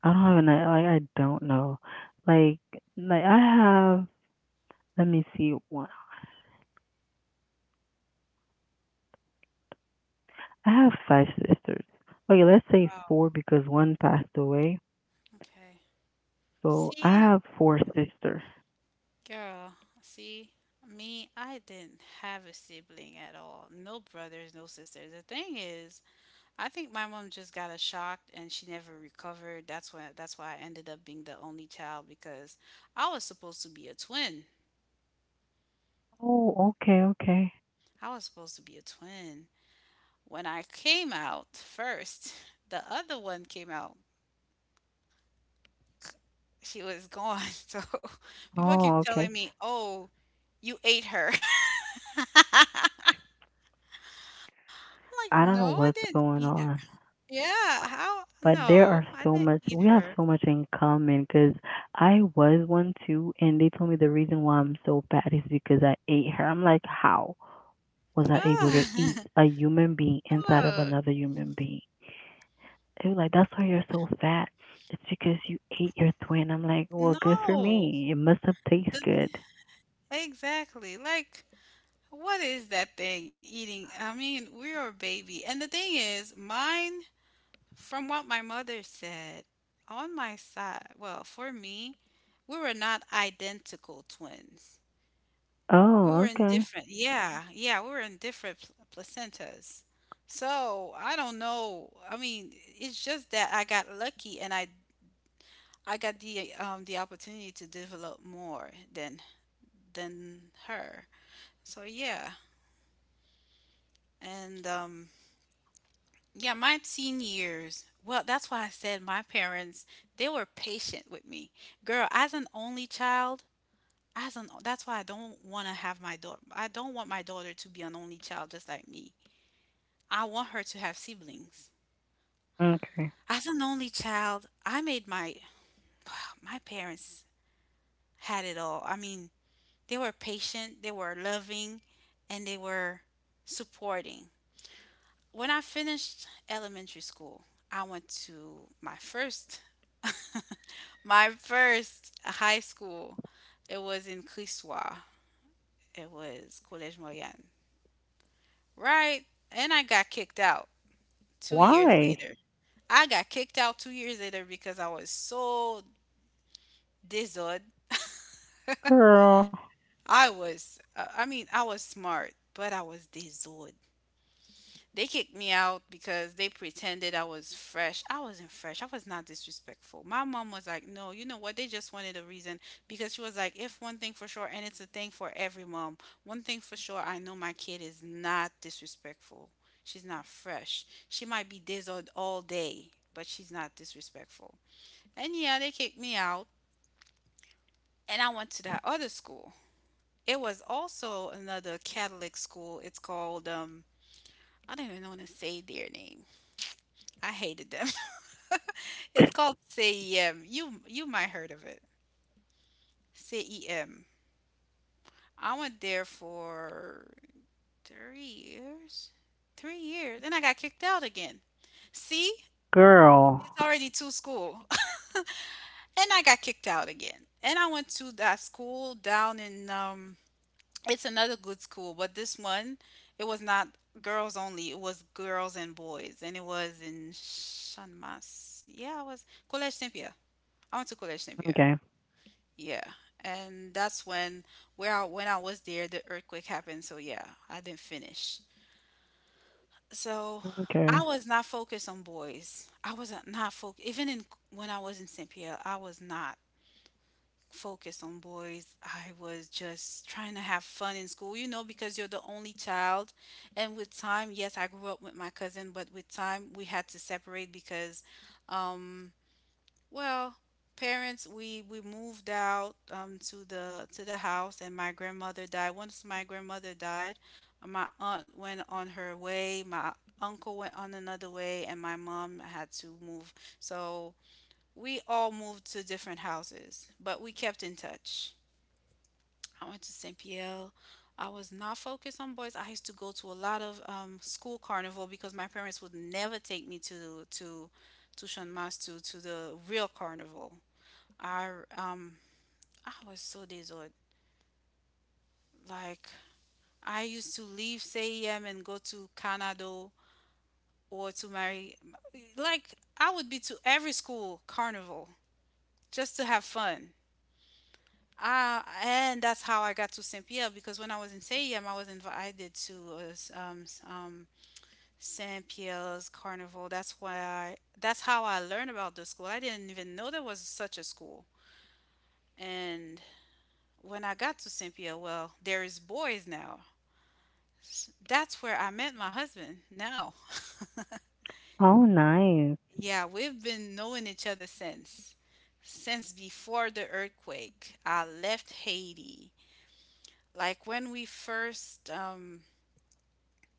[SPEAKER 1] I don't know. Like like I have Let me see. One. I have five sisters. Okay, let's say four because one passed away.
[SPEAKER 2] Okay.
[SPEAKER 1] So I
[SPEAKER 2] See,
[SPEAKER 1] have four sisters.
[SPEAKER 2] girl, see, me, I didn't have a sibling at all. No brothers, no sisters. The thing is, I think my mom just got a shock and she never recovered. That's why I ended up being the only child because I was supposed to be a twin.
[SPEAKER 1] Oh, okay, okay.
[SPEAKER 2] I was supposed to be a twin. When I came out first, [LAUGHS] the other one came out. She was gone. [LAUGHS] So people keep
[SPEAKER 1] Oh,
[SPEAKER 2] telling
[SPEAKER 1] okay.
[SPEAKER 2] me, "Oh, you ate her." [LAUGHS] Like,
[SPEAKER 1] I
[SPEAKER 2] no,
[SPEAKER 1] don't know
[SPEAKER 2] I didn't
[SPEAKER 1] what's
[SPEAKER 2] eat
[SPEAKER 1] going
[SPEAKER 2] h
[SPEAKER 1] on,
[SPEAKER 2] Yeah, how
[SPEAKER 1] but there
[SPEAKER 2] no,
[SPEAKER 1] are
[SPEAKER 2] I didn't
[SPEAKER 1] so much
[SPEAKER 2] eat
[SPEAKER 1] we
[SPEAKER 2] her.
[SPEAKER 1] have so much in common because I was one too, and they told me the reason why I'm so fat is because I ate her. I'm like, how? Was I able to eat
[SPEAKER 2] Ugh,
[SPEAKER 1] a human being
[SPEAKER 2] [LAUGHS]
[SPEAKER 1] inside of
[SPEAKER 2] ugh,
[SPEAKER 1] another human being? They were like, that's why you're so fat. It's because you ate your twin. I'm like, well, good for
[SPEAKER 2] no.
[SPEAKER 1] me. It must have tasted good.
[SPEAKER 2] the Exactly, like, what is that thing eating? I mean, we're a baby, and the thing is, mine, from what my mother said, on my side well, for me, we were not identical twins. We
[SPEAKER 1] Oh,
[SPEAKER 2] were in
[SPEAKER 1] okay.
[SPEAKER 2] different, yeah, yeah, we were in different placentas. So I don't know. I mean, it's just that I got lucky and I got the opportunity to develop more than her. So yeah, and yeah, my teen years. Well, that's why I said my parents they were patient with me. Girl, as an only child, as an that's why I don't want to have my daughter. I don't want my daughter to be an only child just like me. I want her to have siblings.
[SPEAKER 1] Okay.
[SPEAKER 2] As an only child, I made my [SIGHS] my parents had it all. I mean, they were patient, they were loving, and they were supporting. When I finished elementary school, I went to my first [LAUGHS] my first high school. It was in Clissoir. It was Collège Moyenne. Right? And I got kicked out 2 years
[SPEAKER 1] Why?
[SPEAKER 2] later. I got kicked out 2 years later because I was so dizzled.
[SPEAKER 1] Girl.
[SPEAKER 2] I was, I mean, I was smart, but I was dizzled. They kicked me out because they pretended I was fresh. I wasn't fresh. I was not disrespectful. My mom was like, no, you know what? They just wanted a reason because she was like, if one thing for sure, and it's a thing for every mom, one thing for sure, I know my kid is not disrespectful. She's not fresh. She might be dizzled all day, but she's not disrespectful. And yeah, they kicked me out. And I went to that other school. It was also another Catholic school. It's called. I don't even want to say their name. I hated them. [LAUGHS] It's called CEM. You might heard of it. CEM. I went there for 3 years. 3 years. Then I got kicked out again. See?
[SPEAKER 1] Girl.
[SPEAKER 2] It's already two school. [LAUGHS] And I got kicked out again. And I went to that school down in. It's another good school, but this one, it was not girls only. It was girls and boys, and it was in Chanmas. Yeah, it was Collège Saint-Pierre. I went to Collège Saint-Pierre.
[SPEAKER 1] Okay.
[SPEAKER 2] Yeah, and that's when where I, when I was there, the earthquake happened. So yeah, I didn't finish. So I
[SPEAKER 1] Okay.
[SPEAKER 2] was not focused on boys. I wasn't not focused. Even in when I was in Saint Pierre, I was not focused on boys. I was just trying to have fun in school, you know, because you're the only child. And with time, yes, I grew up with my cousin, but with time, we had to separate because, um, well, parents we moved out to the house, and my grandmother died. Once my grandmother died, my aunt went on her way, my uncle went on another way, and my mom had to move. So we all moved to different houses, but we kept in touch. I went to St. Pierre. I was not focused on boys. I used to go to a lot of school carnival because my parents would never take me to Sean Mas to the real carnival. I um I was so disordered. Like, I used to leave CEM and go to Canado or to Mary. Like, I would be to every school carnival just to have fun. Ah, and that's how I got to Saint Pierre because when I was in Siam, I was invited to Saint Pierre's Carnival. That's how I learned about the school. I didn't even know there was such a school. And when I got to Saint Pierre, well, there is boys now. That's where I met my husband now. [LAUGHS]
[SPEAKER 1] Oh, nice.
[SPEAKER 2] Yeah, we've been knowing each other since. Since before the earthquake, I left Haiti. Like, when we first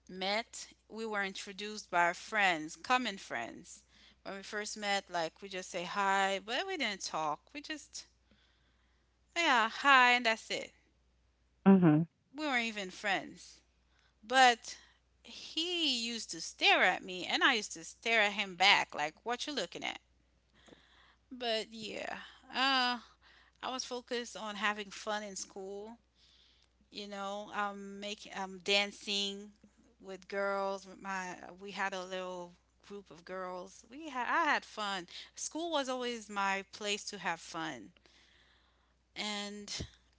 [SPEAKER 2] met, we were introduced by friends, common friends. When we first met, like, we just say hi, but we didn't talk. We just, yeah, hi, and that's it.
[SPEAKER 1] Mhm.
[SPEAKER 2] We weren't even friends. But he used to stare at me, and I used to stare at him back, like, what you looking at? But yeah, uh, I was focused on having fun in school, you know, make dancing with girls. With My we had a little group of girls. We had I had fun. School was always my place to have fun. And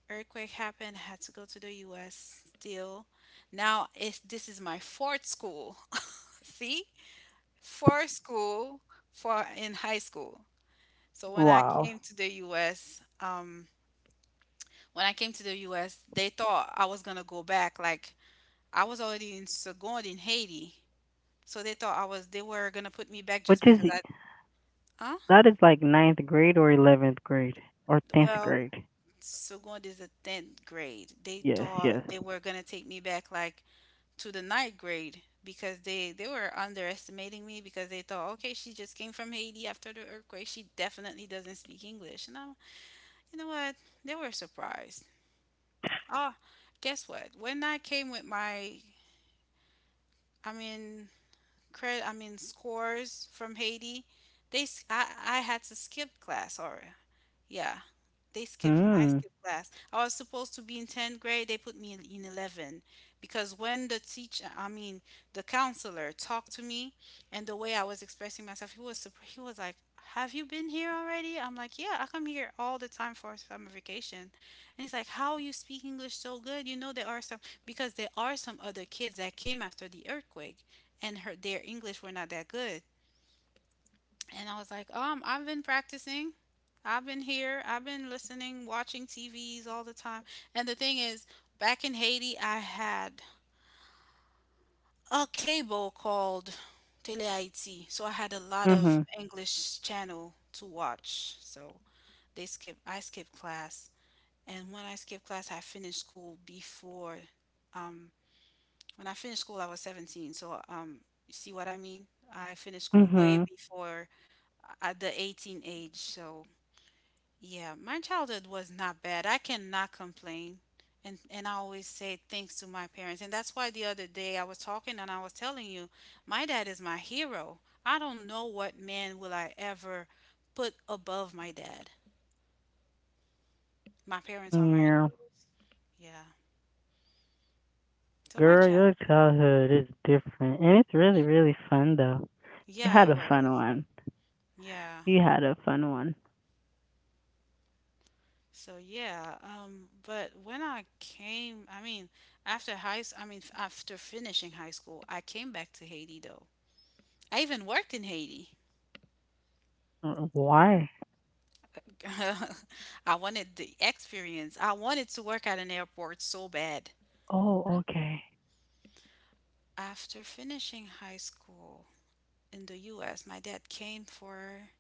[SPEAKER 2] earthquake happened. I had to go to the U.S. Still, now it's this is my fourth school. [LAUGHS] See, fourth school for in high school. So when I
[SPEAKER 1] Wow.
[SPEAKER 2] came to the U.S., when I came to the U.S., they thought I was gonna go back. Like, I was already in Saigon in Haiti. So they thought I was they were gonna put me back
[SPEAKER 1] Which
[SPEAKER 2] just
[SPEAKER 1] is
[SPEAKER 2] because I huh?
[SPEAKER 1] that is like ninth grade or 11th grade or tenth
[SPEAKER 2] Well,
[SPEAKER 1] grade.
[SPEAKER 2] Saigon is the tenth grade. They
[SPEAKER 1] Yes. Yes.
[SPEAKER 2] thought they were gonna take me back like to the ninth grade because they were underestimating me because they thought, okay, she just came from Haiti after the earthquake. She definitely doesn't speak English. And I, you know what? They were surprised. Oh, guess what? When I came with my I mean credit, I mean scores from Haiti, they s- I had to skip class or yeah, they skip I
[SPEAKER 1] Mm.
[SPEAKER 2] skipped class. I was supposed to be in 10th grade, they put me in 11 because when the teacher, I mean the counselor talked to me, and the way I was expressing myself, he was he was like, "Have you been here already?" I'm like, "Yeah, I come here all the time for summer vacation." And he's like, "How you speak English so good? You know there are some because there are some other kids that came after the earthquake, and her their English were not that good." And I was like, I've been practicing. I've been here. I've been listening, watching TVs all the time. And the thing is, back in Haiti, I had a cable called Télé Haïti, so I had a lot
[SPEAKER 1] Mhm.
[SPEAKER 2] of English channel to watch. So they skip. I skipped class, and when I skipped class, I finished school before. Um, when I finished school, I was 17. So you see what I mean? I finished school
[SPEAKER 1] Mhm.
[SPEAKER 2] way before at the 18 age. So, yeah, my childhood was not bad. I cannot complain. And I always say thanks to my parents. And that's why the other day I was talking and I was telling you, my dad is my hero. I don't know what man will I ever put above my dad. My parents are my
[SPEAKER 1] Yeah.
[SPEAKER 2] heroes. Yeah. So my
[SPEAKER 1] Girl,
[SPEAKER 2] child.
[SPEAKER 1] your childhood is different, and it's really, really fun though. You
[SPEAKER 2] Yeah,
[SPEAKER 1] had
[SPEAKER 2] it
[SPEAKER 1] a fun
[SPEAKER 2] was.
[SPEAKER 1] one.
[SPEAKER 2] Yeah.
[SPEAKER 1] You had a fun one.
[SPEAKER 2] So yeah, but when I came, I mean, after finishing high school, I came back to Haiti though. I even worked in Haiti.
[SPEAKER 1] Why?
[SPEAKER 2] [LAUGHS] I wanted the experience. I wanted to work at an airport so bad.
[SPEAKER 1] Oh, okay.
[SPEAKER 2] After finishing high school in the U.S., my dad came for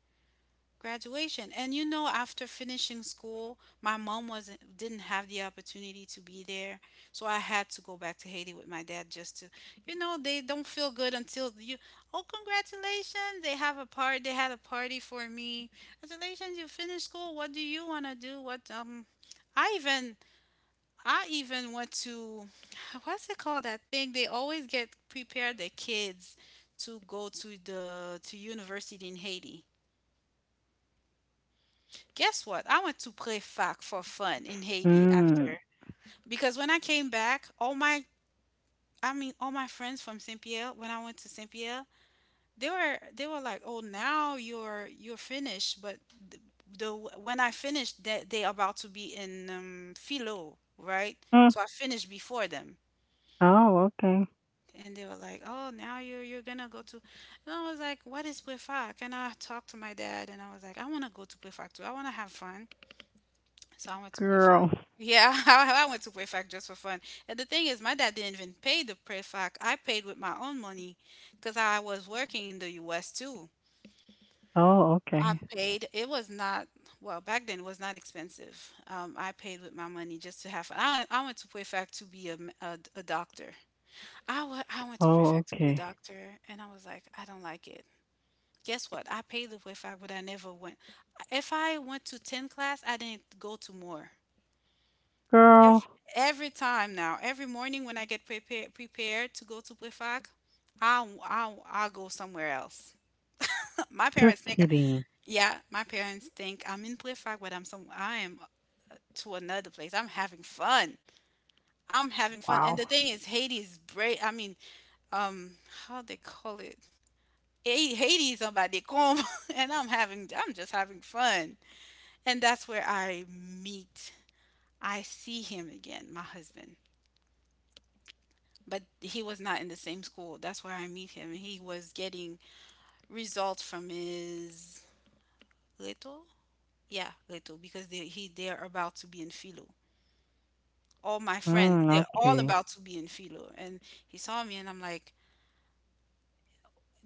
[SPEAKER 2] graduation, and you know, after finishing school, my mom wasn't didn't have the opportunity to be there, so I had to go back to Haiti with my dad just to, you know, they don't feel good until you oh, congratulations. They had a party for me. Congratulations, you finished school. What do you want to do? What I even I even went to [LAUGHS] what's it called, that thing they always get prepare the kids to go to the to university in Haiti. Guess what? I went to Prefac for fun in Haiti
[SPEAKER 1] Mm.
[SPEAKER 2] after because when I came back, all my all my friends from Saint Pierre, when I went to Saint Pierre, they were like, "Oh, now you're finished." But the, the when I finished, they about to be in Philo, right?
[SPEAKER 1] Mm.
[SPEAKER 2] So I finished before them.
[SPEAKER 1] Oh, okay.
[SPEAKER 2] And they were like, "Oh, now you're gonna go to," and I was like, "What is Prefac?" And I talked to my dad, and I was like, "I want to go to Prefac too. I want to have fun." So I went to PrEFAC.
[SPEAKER 1] Girl.
[SPEAKER 2] Yeah, [LAUGHS] I went to PrEFAC just for fun. And the thing is, my dad didn't even pay the PrEFAC. I paid with my own money because I was working in the U.S. too.
[SPEAKER 1] Oh,
[SPEAKER 2] I
[SPEAKER 1] okay.
[SPEAKER 2] paid. It was not, well, back then it was not expensive. I paid with my money just to have fun. I went to PrEFAC to be a doctor. I went to
[SPEAKER 1] Oh,
[SPEAKER 2] PrEFAC to be a
[SPEAKER 1] okay.
[SPEAKER 2] doctor, and I was like, I don't like it. Guess what? I paid the PrEFAC, but I never went. If I went to 10 class, I didn't go to more.
[SPEAKER 1] Girl,
[SPEAKER 2] Every, every time now, every morning when I get prepared to go to Prefac, I'll go somewhere else. [LAUGHS] My
[SPEAKER 1] you're
[SPEAKER 2] parents think,
[SPEAKER 1] kidding.
[SPEAKER 2] yeah, my parents think I'm in Prefac, but I am to another place. I'm having fun. I'm having fun. And
[SPEAKER 1] Wow.
[SPEAKER 2] the thing is, Haiti is brave. I mean, um, how they call it? Haiti is on my décombre, [LAUGHS] and I'm just having fun. And that's where meet, I see him again, my husband. But he was not in the same school. That's where I meet him. He was getting results from his Leto? Yeah, Leto, because they're about to be in Philo. All my friends,
[SPEAKER 1] Mm,
[SPEAKER 2] they're all
[SPEAKER 1] okay.
[SPEAKER 2] about to be in Philo. And he saw me, and I'm like,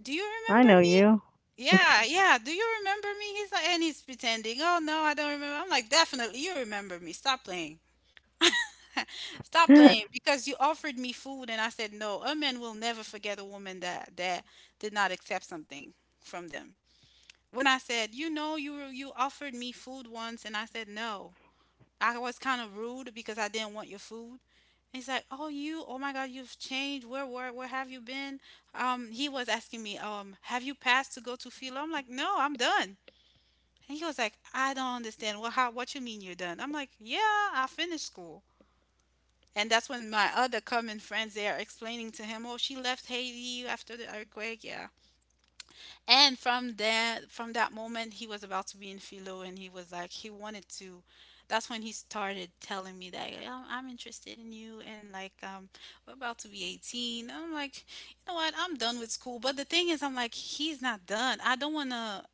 [SPEAKER 2] do you
[SPEAKER 1] I
[SPEAKER 2] remember
[SPEAKER 1] know
[SPEAKER 2] me?
[SPEAKER 1] you.
[SPEAKER 2] Yeah, yeah. Do you remember me? He's like, and he's pretending, oh no, I don't remember. I'm like, definitely you remember me. Stop playing. [LAUGHS] Stop playing
[SPEAKER 1] [LAUGHS]
[SPEAKER 2] because you offered me food and I said no. A man will never forget a woman that did not accept something from them. When I said, you know, you offered me food once, and I said no. I was kind of rude because I didn't want your food. And he's like, oh, you, oh my God, you've changed. Where have you been? He was asking me, have you passed to go to Philo? I'm like, no, I'm done. And he was like, I don't understand. Well, what you mean you're done? I'm like, yeah, I finished school. And that's when my other common friends they are explaining to him, oh, she left Haiti after the earthquake. Yeah. And from there, from that moment, he was about to be in Philo, and he was like, he wanted to. That's when he started telling me that yeah, I'm interested in you, and like we're about to be 18. I'm like, you know what? I'm done with school. But the thing is, I'm like, he's not done. I don't wanna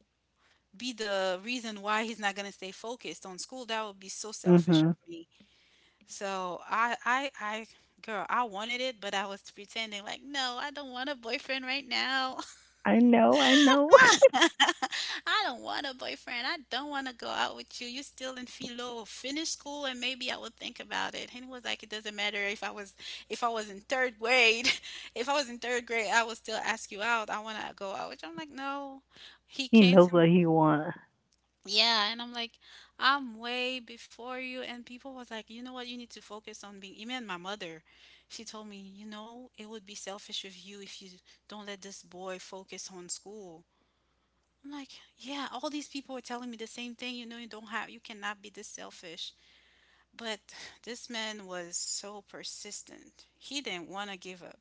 [SPEAKER 2] be the reason why he's not gonna stay focused on school. That would be so selfish
[SPEAKER 1] Mhm.
[SPEAKER 2] of me. So I, girl, I wanted it, but I was pretending like, no, I don't want a boyfriend right now.
[SPEAKER 1] I know. I know.
[SPEAKER 2] [LAUGHS] I don't want a boyfriend. I don't want to go out with you. You're still in Philo. Finish school and maybe I would think about it. And he was like, it doesn't matter if I was in third grade. [LAUGHS] If I was in third grade, I would still ask you out. I want to go out. Which I'm like, no. He
[SPEAKER 1] [LAUGHS] He
[SPEAKER 2] came
[SPEAKER 1] knows
[SPEAKER 2] to me.
[SPEAKER 1] what he wants.
[SPEAKER 2] Yeah, and I'm like, I'm way before you. And people was like, you know what? You need to focus on being. Even my mother, she told me, it would be selfish of you if you don't let this boy focus on school. I'm like, yeah, all these people were telling me the same thing. You know, you don't have, you cannot be this selfish. But this man was so persistent. He didn't want to give up.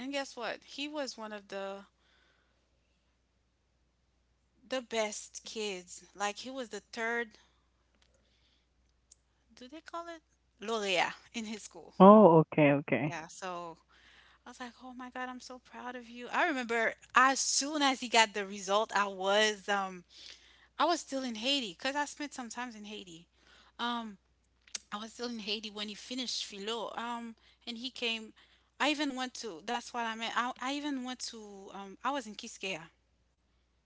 [SPEAKER 2] And guess what? He was one of the best kids. Like he was the third. Do they call it laureate in his school?
[SPEAKER 1] Oh, okay. Okay.
[SPEAKER 2] Yeah. So I was like, oh my God, I'm so proud of you. I remember as soon as he got the result, I was still in Haiti because I spent some time in Haiti. Um, I was still in Haiti when he finished Philo. And he came. I even went to. That's what I meant. I even went to. I was in Kiskeya.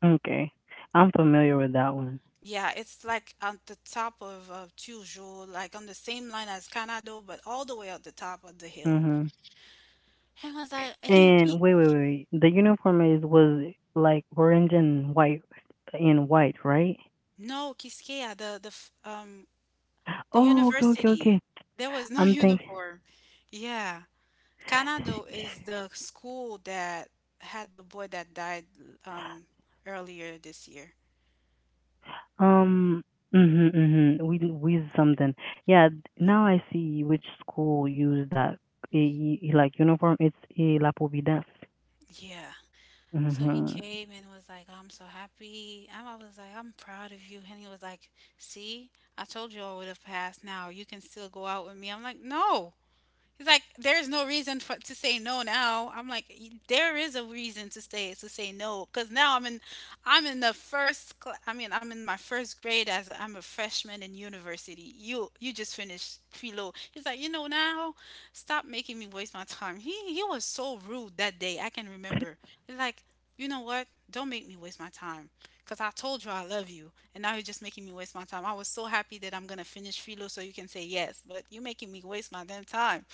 [SPEAKER 1] Okay. I'm familiar with that one.
[SPEAKER 2] Yeah, it's like at the top of Toujours, like on the same line as Canado, but all the way at the top of the hill.
[SPEAKER 1] Mhm.
[SPEAKER 2] And I was like, he
[SPEAKER 1] And wait. The uniform is was like orange and white, right?
[SPEAKER 2] no, Kiskeya, the
[SPEAKER 1] Oh, okay, okay,
[SPEAKER 2] university.
[SPEAKER 1] okay.
[SPEAKER 2] There was no
[SPEAKER 1] I'm
[SPEAKER 2] [LAUGHS]
[SPEAKER 1] thinking.
[SPEAKER 2] uniform. Yeah, Canado is the school that had the boy that died um earlier this year.
[SPEAKER 1] Um. Mhm. Mhm. We something. Yeah. Now I see which school use that eh, like uniform. It's a La Providence.
[SPEAKER 2] Yeah. So he
[SPEAKER 1] Mhm.
[SPEAKER 2] came and was like, "Oh, I'm so happy." And I was like, I'm proud of you. And he was like, see, I told you I would have passed now. You can still go out with me. I'm like, no. He's like, there's no reason for to say no now. I'm like, " there is a reason to say no, because now I'm in the first. I mean, I'm in my first grade I'm a freshman in university. You just finished Philo. He's like, now, stop making me waste my time. He was so rude that day. I can remember. He's like, you know what? Don't make me waste my time. Because I told you I love you, and now you're just making me waste my time. I was so happy that I'm going to finish Philo so you can say yes, but you're making me waste my damn time.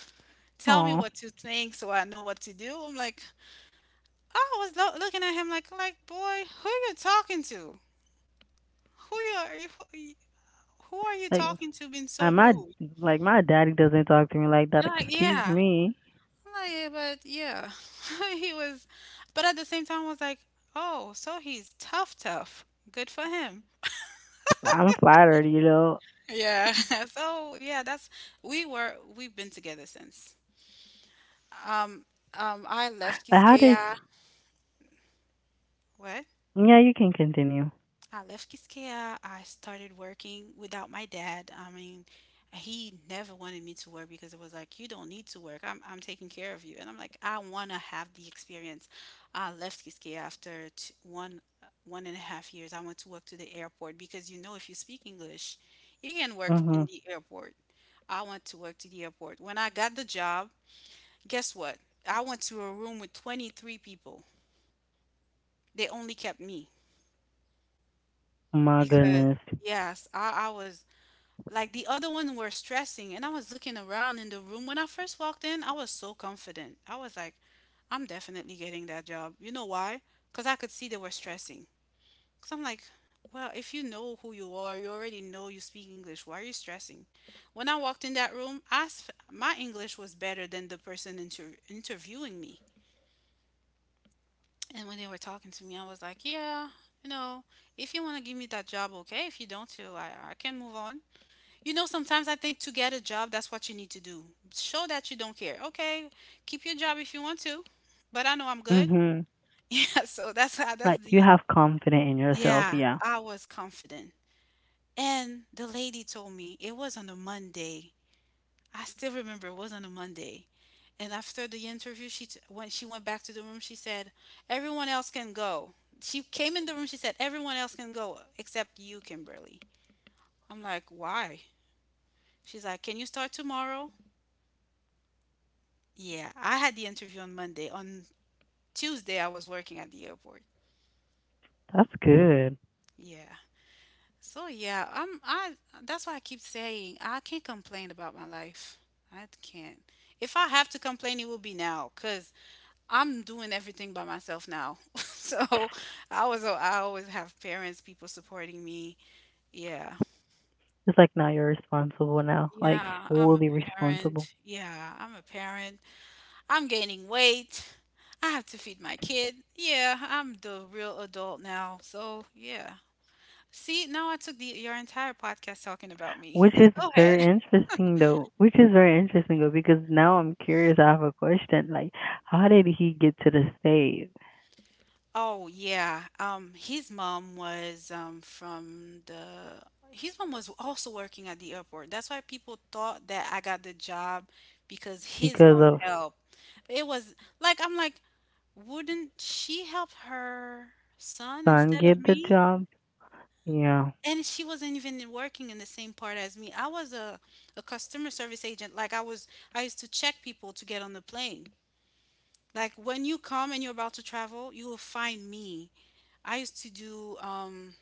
[SPEAKER 2] Tell me
[SPEAKER 1] Oh,
[SPEAKER 2] what to think so I know what to do. I'm like, "Oh, I was looking at him like boy, who you talking to? Who you are you? Who are you
[SPEAKER 1] [LAUGHS] like
[SPEAKER 2] talking to? Being
[SPEAKER 1] I
[SPEAKER 2] so
[SPEAKER 1] my
[SPEAKER 2] rude.
[SPEAKER 1] like my daddy doesn't talk to me like that.
[SPEAKER 2] You're like,
[SPEAKER 1] Excuse
[SPEAKER 2] yeah.
[SPEAKER 1] me.
[SPEAKER 2] I'm like, yeah, but yeah, [LAUGHS] he was, but at the same time, I was like, oh, so he's tough, tough. Good for him.
[SPEAKER 1] I'm flattered, you know.
[SPEAKER 2] Yeah. [LAUGHS] So yeah, that's we were we've been together since. Um, I left
[SPEAKER 1] But how
[SPEAKER 2] Kiskeya.
[SPEAKER 1] did
[SPEAKER 2] What?
[SPEAKER 1] Yeah, you can continue.
[SPEAKER 2] I left Kiskeya. I started working without my dad. I mean, he never wanted me to work because it was like, you don't need to work. I'm taking care of you. And I'm like, I want to have the experience. I left Kiskeya after 1.5 years. I went to work to the airport because you know, if you speak English, you can work in
[SPEAKER 1] Mhm.
[SPEAKER 2] the airport. I went to work to the airport. When I got the job, guess what? I went to a room with 23 people. They only kept me
[SPEAKER 1] My
[SPEAKER 2] because
[SPEAKER 1] goodness.
[SPEAKER 2] yes, I was like the other one were stressing, and I was looking around in the room. When I first walked in, I was so confident. I was like, I'm definitely getting that job. You know why? Because I could see they were stressing. Because I'm like, well, if you know who you are, you already know you speak English, why are you stressing? When I walked in that room, my English was better than the person interviewing me. And when they were talking to me, I was like, yeah, you know, if you want to give me that job, okay, if you don't too, I can move on. You know, sometimes I think to get a job, that's what you need to do. Show that you don't care. Okay, keep your job if you want to, but I know I'm good.
[SPEAKER 1] Mhm.
[SPEAKER 2] [LAUGHS] Yeah, so that's how
[SPEAKER 1] Like
[SPEAKER 2] that's
[SPEAKER 1] you
[SPEAKER 2] the
[SPEAKER 1] have confidence in yourself.
[SPEAKER 2] yeah,
[SPEAKER 1] Yeah.
[SPEAKER 2] I was confident. And the lady told me it was on a Monday. I still remember it was on a Monday. And after the interview, when she went back to the room, she said, "Everyone else can go." She came in the room. She said, "Everyone else can go except you, Kimberly." I'm like, "Why?" She's like, "Can you start tomorrow?" Yeah, I had the interview on Monday. On Tuesday, I was working at the airport.
[SPEAKER 1] That's good.
[SPEAKER 2] Yeah. So yeah, I'm I that's why I keep saying I can't complain about my life. I can't. If I have to complain, it will be now cuz I'm doing everything by myself now. [LAUGHS] So, I was I always have parents, people supporting me. Yeah.
[SPEAKER 1] It's like now you're responsible now, like
[SPEAKER 2] Yeah, I'm a
[SPEAKER 1] fully responsible,
[SPEAKER 2] parent. Yeah, I'm a parent. I'm gaining weight. I have to feed my kid. Yeah, I'm the real adult now. So, yeah. See, now I took the your entire podcast talking about me.
[SPEAKER 1] which is
[SPEAKER 2] [LAUGHS] Go ahead.
[SPEAKER 1] very interesting though. Which is very interesting though because now I'm curious. I have a question. Like, how did he get to the state?
[SPEAKER 2] Oh yeah. His mom was also working at the airport. That's why people thought that I got the job because his
[SPEAKER 1] Because
[SPEAKER 2] mom
[SPEAKER 1] of
[SPEAKER 2] helped. It was like I'm like, wouldn't she help her son
[SPEAKER 1] son
[SPEAKER 2] instead of
[SPEAKER 1] get the
[SPEAKER 2] me?
[SPEAKER 1] job? Yeah.
[SPEAKER 2] And she wasn't even working in the same part as me. I was a customer service agent. Like I used to check people to get on the plane. Like when you come and you're about to travel, you will find me. I used to do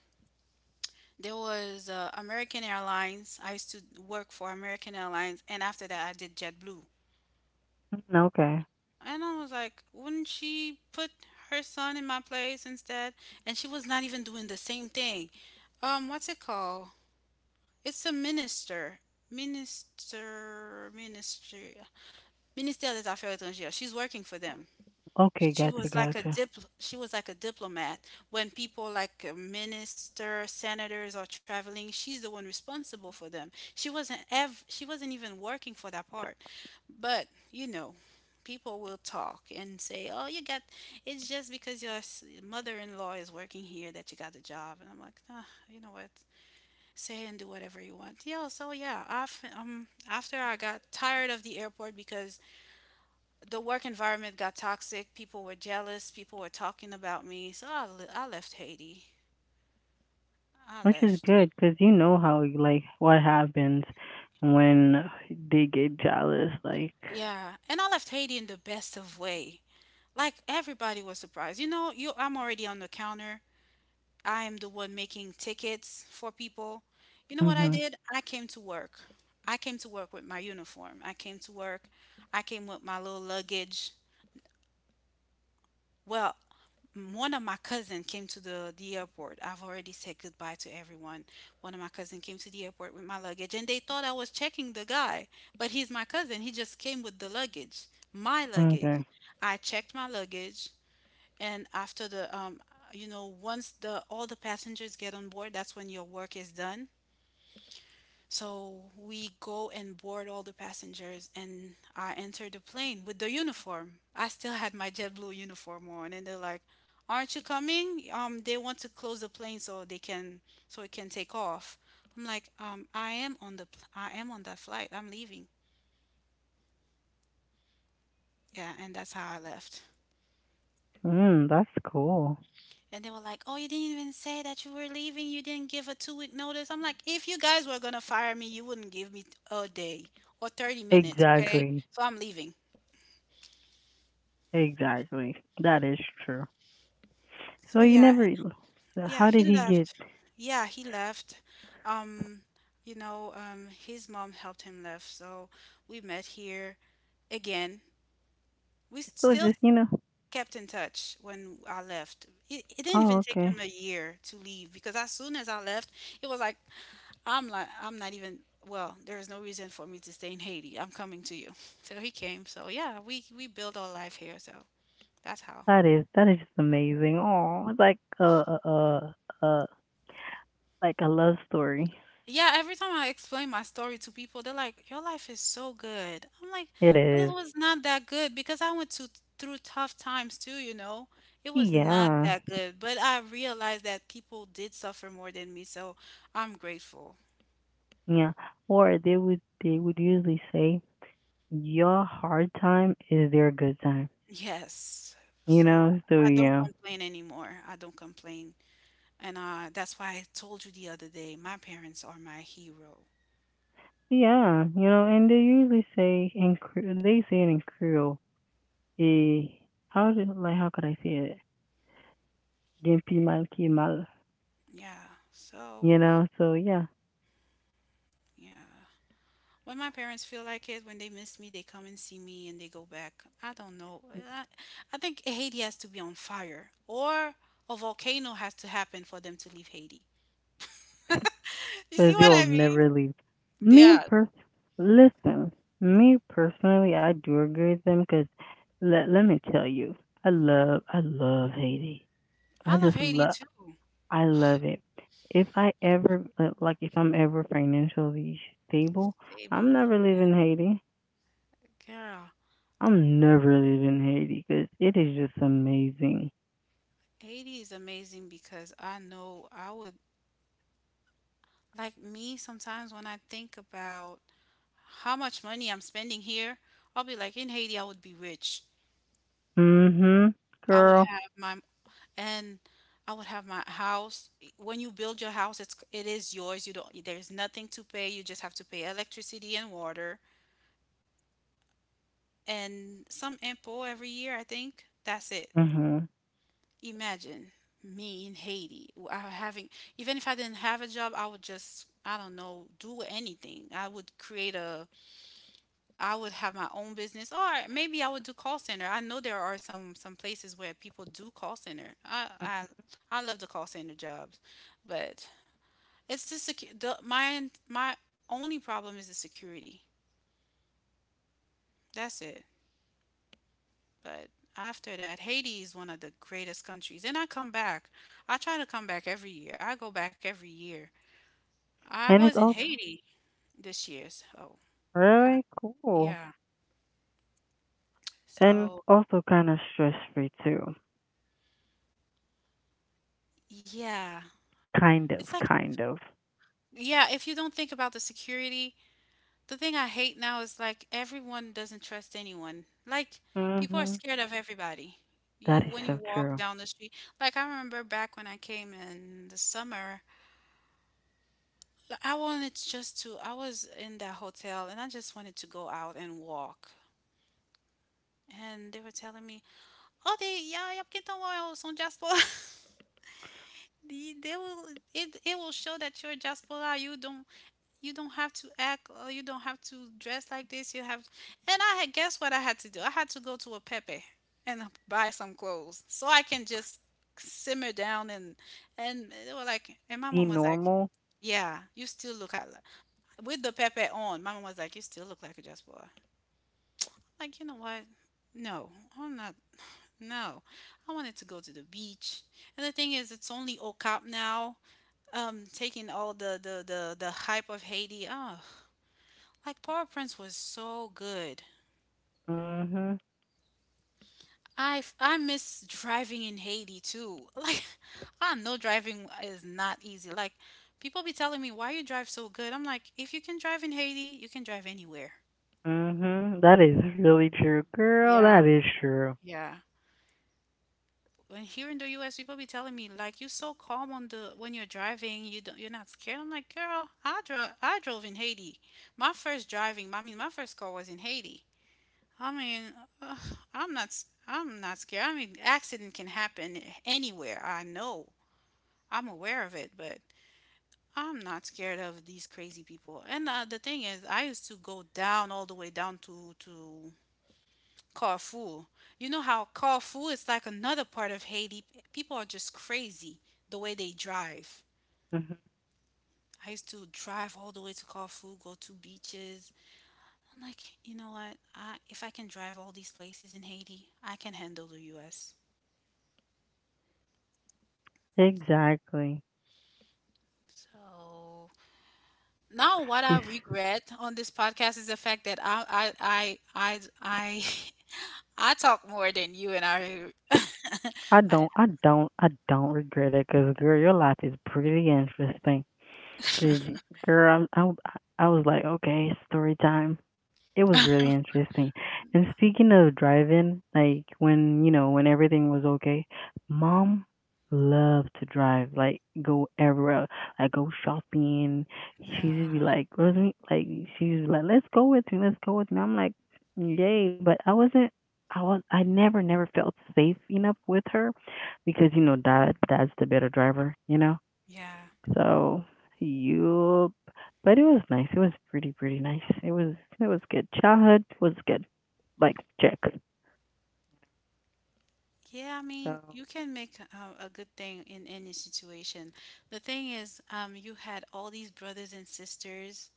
[SPEAKER 2] there was American Airlines. I used to work for American Airlines, and after that I did JetBlue.
[SPEAKER 1] Mm, okay.
[SPEAKER 2] And I was like, wouldn't she put her son in my place instead? And she was not even doing the same thing. What's it called? It's a minister. Minister, ministry, Ministério das Affaires Etrangeiras. She's working for them.
[SPEAKER 1] Okay.
[SPEAKER 2] She
[SPEAKER 1] Gotcha.
[SPEAKER 2] was like a
[SPEAKER 1] Gotcha.
[SPEAKER 2] dip, she was like a diplomat. When people like a minister, senators are traveling, she's the one responsible for them. She wasn't even working for that part. But, you know, people will talk and say, "Oh, you got it's just because your mother-in-law is working here that you got the job." And I'm like, "Nah, you know what? Say and do whatever you want." Yeah, so yeah, af after I got tired of the airport because the work environment got toxic, people were jealous, people were talking about me, so I left Haiti. I
[SPEAKER 1] Which is
[SPEAKER 2] left.
[SPEAKER 1] good because you know how like what happens when they get jealous. Like,
[SPEAKER 2] Yeah, and I left Haiti in the best of way. Like everybody was surprised. You know, you I'm already on the counter. I am the one making tickets for people. You know what I
[SPEAKER 1] mhm,
[SPEAKER 2] did? I came to work. I came to work with my uniform. I came to work. I came with my little luggage. Well, one of my cousin came to the airport. I've already said goodbye to everyone. One of my cousin came to the airport with my luggage, and they thought I was checking the guy, but he's my cousin. He just came with the luggage, my luggage.
[SPEAKER 1] okay,
[SPEAKER 2] I checked my luggage, and after the once the all the passengers get on board, that's when your work is done. So we go and board all the passengers, and I enter the plane with the uniform. I still had my JetBlue uniform on, and they're like, "Aren't you coming?" They want to close the plane so they can so it can take off. I'm like, I am on the I am on that flight. I'm leaving. Yeah, and that's how I left.
[SPEAKER 1] mm, that's cool.
[SPEAKER 2] And they were like, "Oh, you didn't even say that you were leaving. You didn't give a two-week notice." I'm like, "If you guys were gonna fire me, you wouldn't give me a day or 30 minutes, okay?
[SPEAKER 1] Exactly,
[SPEAKER 2] So I'm leaving."
[SPEAKER 1] exactly. That is true. So
[SPEAKER 2] So
[SPEAKER 1] you
[SPEAKER 2] yeah.
[SPEAKER 1] never. So
[SPEAKER 2] Yeah,
[SPEAKER 1] how
[SPEAKER 2] he
[SPEAKER 1] did he get?
[SPEAKER 2] left. Yeah, he left. Um, his mom helped him left, so we met here again.
[SPEAKER 1] So
[SPEAKER 2] Still
[SPEAKER 1] just you know.
[SPEAKER 2] kept in touch when I left. It didn't
[SPEAKER 1] Oh,
[SPEAKER 2] even take
[SPEAKER 1] okay.
[SPEAKER 2] him a year to leave because as soon as I left, it was like I'm not even well, there is no reason for me to stay in Haiti. I'm coming to you. [LAUGHS] So he came. So yeah, we built our life here, so that's how.
[SPEAKER 1] That is just amazing. Oh, it's like a like a love story.
[SPEAKER 2] Yeah, every time I explain my story to people, they're like, "Your life is so good." I'm like,
[SPEAKER 1] It
[SPEAKER 2] "It
[SPEAKER 1] is.
[SPEAKER 2] was not that good because I went to through tough times too, you know. It was not
[SPEAKER 1] Yeah,
[SPEAKER 2] that good, but I realized that people did suffer more than me, so I'm grateful."
[SPEAKER 1] yeah. Or they would usually say your hard time is their good time,
[SPEAKER 2] Yes.
[SPEAKER 1] you
[SPEAKER 2] So
[SPEAKER 1] know? So,
[SPEAKER 2] I don't
[SPEAKER 1] yeah.
[SPEAKER 2] complain anymore. I don't complain. And that's why I told you the other day, my parents are my hero.
[SPEAKER 1] Yeah, you know, and they usually say in they say it in Creole. Eh, how did like how could I say it? Dimpi mal ki mal,
[SPEAKER 2] Yeah. So,
[SPEAKER 1] you know. So yeah,
[SPEAKER 2] yeah. When my parents feel like it, when they miss me, they come and see me and they go back. I don't know. I, I think Haiti has to be on fire or a volcano has to happen for them to leave Haiti. [LAUGHS] You see
[SPEAKER 1] because
[SPEAKER 2] what
[SPEAKER 1] they'll
[SPEAKER 2] I
[SPEAKER 1] never
[SPEAKER 2] mean?
[SPEAKER 1] leave. Me
[SPEAKER 2] Yeah.
[SPEAKER 1] pers, listen, me personally, I do agree with them because let me tell you, I love Haiti.
[SPEAKER 2] I
[SPEAKER 1] I
[SPEAKER 2] love
[SPEAKER 1] just
[SPEAKER 2] Haiti
[SPEAKER 1] love
[SPEAKER 2] too.
[SPEAKER 1] I love it. If I ever like if I'm ever financially stable, I'm
[SPEAKER 2] Stable.
[SPEAKER 1] never leaving Haiti.
[SPEAKER 2] Girl,
[SPEAKER 1] I'm never leaving Haiti because it is just amazing.
[SPEAKER 2] Haiti is amazing because I know I would like me sometimes when I think about how much money I'm spending here, I'll be like in Haiti I would be rich.
[SPEAKER 1] Mhm,
[SPEAKER 2] I would
[SPEAKER 1] girl.
[SPEAKER 2] have my and I would have my house. When you build your house, it's it is yours. You don't there's nothing to pay. You just have to pay electricity and water and some info every year, I think. That's it.
[SPEAKER 1] Mhm.
[SPEAKER 2] Imagine me in Haiti I having even if I didn't have a job, I would just I don't know, do anything. I would create a I would have my own business or maybe I would do call center. I know there are some places where people do call center. I I love the call center jobs, but it's the the my only problem is the security. That's it. But after that, Haiti is one of the greatest countries, and I come back. I try to come back every year. I go back every year. I
[SPEAKER 1] And
[SPEAKER 2] was
[SPEAKER 1] it's
[SPEAKER 2] in
[SPEAKER 1] also
[SPEAKER 2] Haiti this year. So yeah,
[SPEAKER 1] really cool
[SPEAKER 2] yeah.
[SPEAKER 1] and
[SPEAKER 2] So
[SPEAKER 1] also kind of stress free too.
[SPEAKER 2] yeah,
[SPEAKER 1] Kind
[SPEAKER 2] it's
[SPEAKER 1] of,
[SPEAKER 2] like
[SPEAKER 1] kind of.
[SPEAKER 2] yeah. If you don't think about the security, the thing I hate now is like everyone doesn't trust anyone. Like people are
[SPEAKER 1] Mhm.
[SPEAKER 2] scared of everybody. You
[SPEAKER 1] That is
[SPEAKER 2] when you
[SPEAKER 1] so
[SPEAKER 2] walk
[SPEAKER 1] true.
[SPEAKER 2] down the street, like I remember back when I came in the summer, like I wanted just to I was in that hotel and I just wanted to go out and walk. And they were telling me, "Oh, they yeah, yeah, porque então eu sou diaspora." [LAUGHS] They will it will show that you're a diaspora. You don't have to act or you don't have to dress like this you have and I had guess what I had to do I had to go to a pepe and buy some clothes so I can just simmer down and they were like and my
[SPEAKER 1] Be
[SPEAKER 2] mom was like
[SPEAKER 1] normal.
[SPEAKER 2] yeah you still look at with the pepe on my mom was like you still look like a diaspora like you know what no I'm not no I wanted to go to the beach and the thing is it's only Okap now, taking all the hype of Haiti. Oh, like Paul Prince was so good.
[SPEAKER 1] Mhm.
[SPEAKER 2] I miss driving in Haiti too. [LAUGHS] Like I know driving is not easy. Like people be telling me why you drive so good. I'm like, if you can drive in Haiti, you can drive anywhere.
[SPEAKER 1] Mhm. That is really true, girl.
[SPEAKER 2] Yeah,
[SPEAKER 1] That is true.
[SPEAKER 2] yeah. When here in the US, people be telling me like you're so calm on the when you're driving, you don't you're not scared. I'm like, girl, I drove in Haiti. My first driving, I mean, my first car was in Haiti. I mean, ugh, I'm not. I'm not scared. I mean, accident can happen anywhere. I know. I'm aware of it, but I'm not scared of these crazy people. And the thing is, I used to go down all the way down to Carrefour. You know how Carrefour is like another part of Haiti. People are just crazy the way they drive.
[SPEAKER 1] Mhm.
[SPEAKER 2] I used to drive all the way to Carrefour, go to beaches. I'm like, you know what? If I can drive all these places in Haiti, I can handle the U.S.
[SPEAKER 1] Exactly.
[SPEAKER 2] So now what I
[SPEAKER 1] This
[SPEAKER 2] regret on this podcast is the fact that [LAUGHS] I talk more than you
[SPEAKER 1] I
[SPEAKER 2] [LAUGHS] I
[SPEAKER 1] don't I don't I don't regret it because girl, your life is pretty interesting. 'Cause girl, I was like, okay, story time. It was really interesting. And speaking of driving, like when, you know, when everything was okay, mom loved to drive, like go everywhere, like go shopping. She just be
[SPEAKER 2] yeah
[SPEAKER 1] like, Rosemary, like she used to be like, let's go with me, let's go with me. I'm like, yay, but I wasn't. I was I never felt safe enough with her because you know dad's the better driver you know
[SPEAKER 2] yeah
[SPEAKER 1] so you, but it was nice. It was pretty pretty nice. It was good. Childhood was good. Like check.
[SPEAKER 2] yeah I mean
[SPEAKER 1] So
[SPEAKER 2] you can make a good thing in any situation. The thing is you had all these brothers and sisters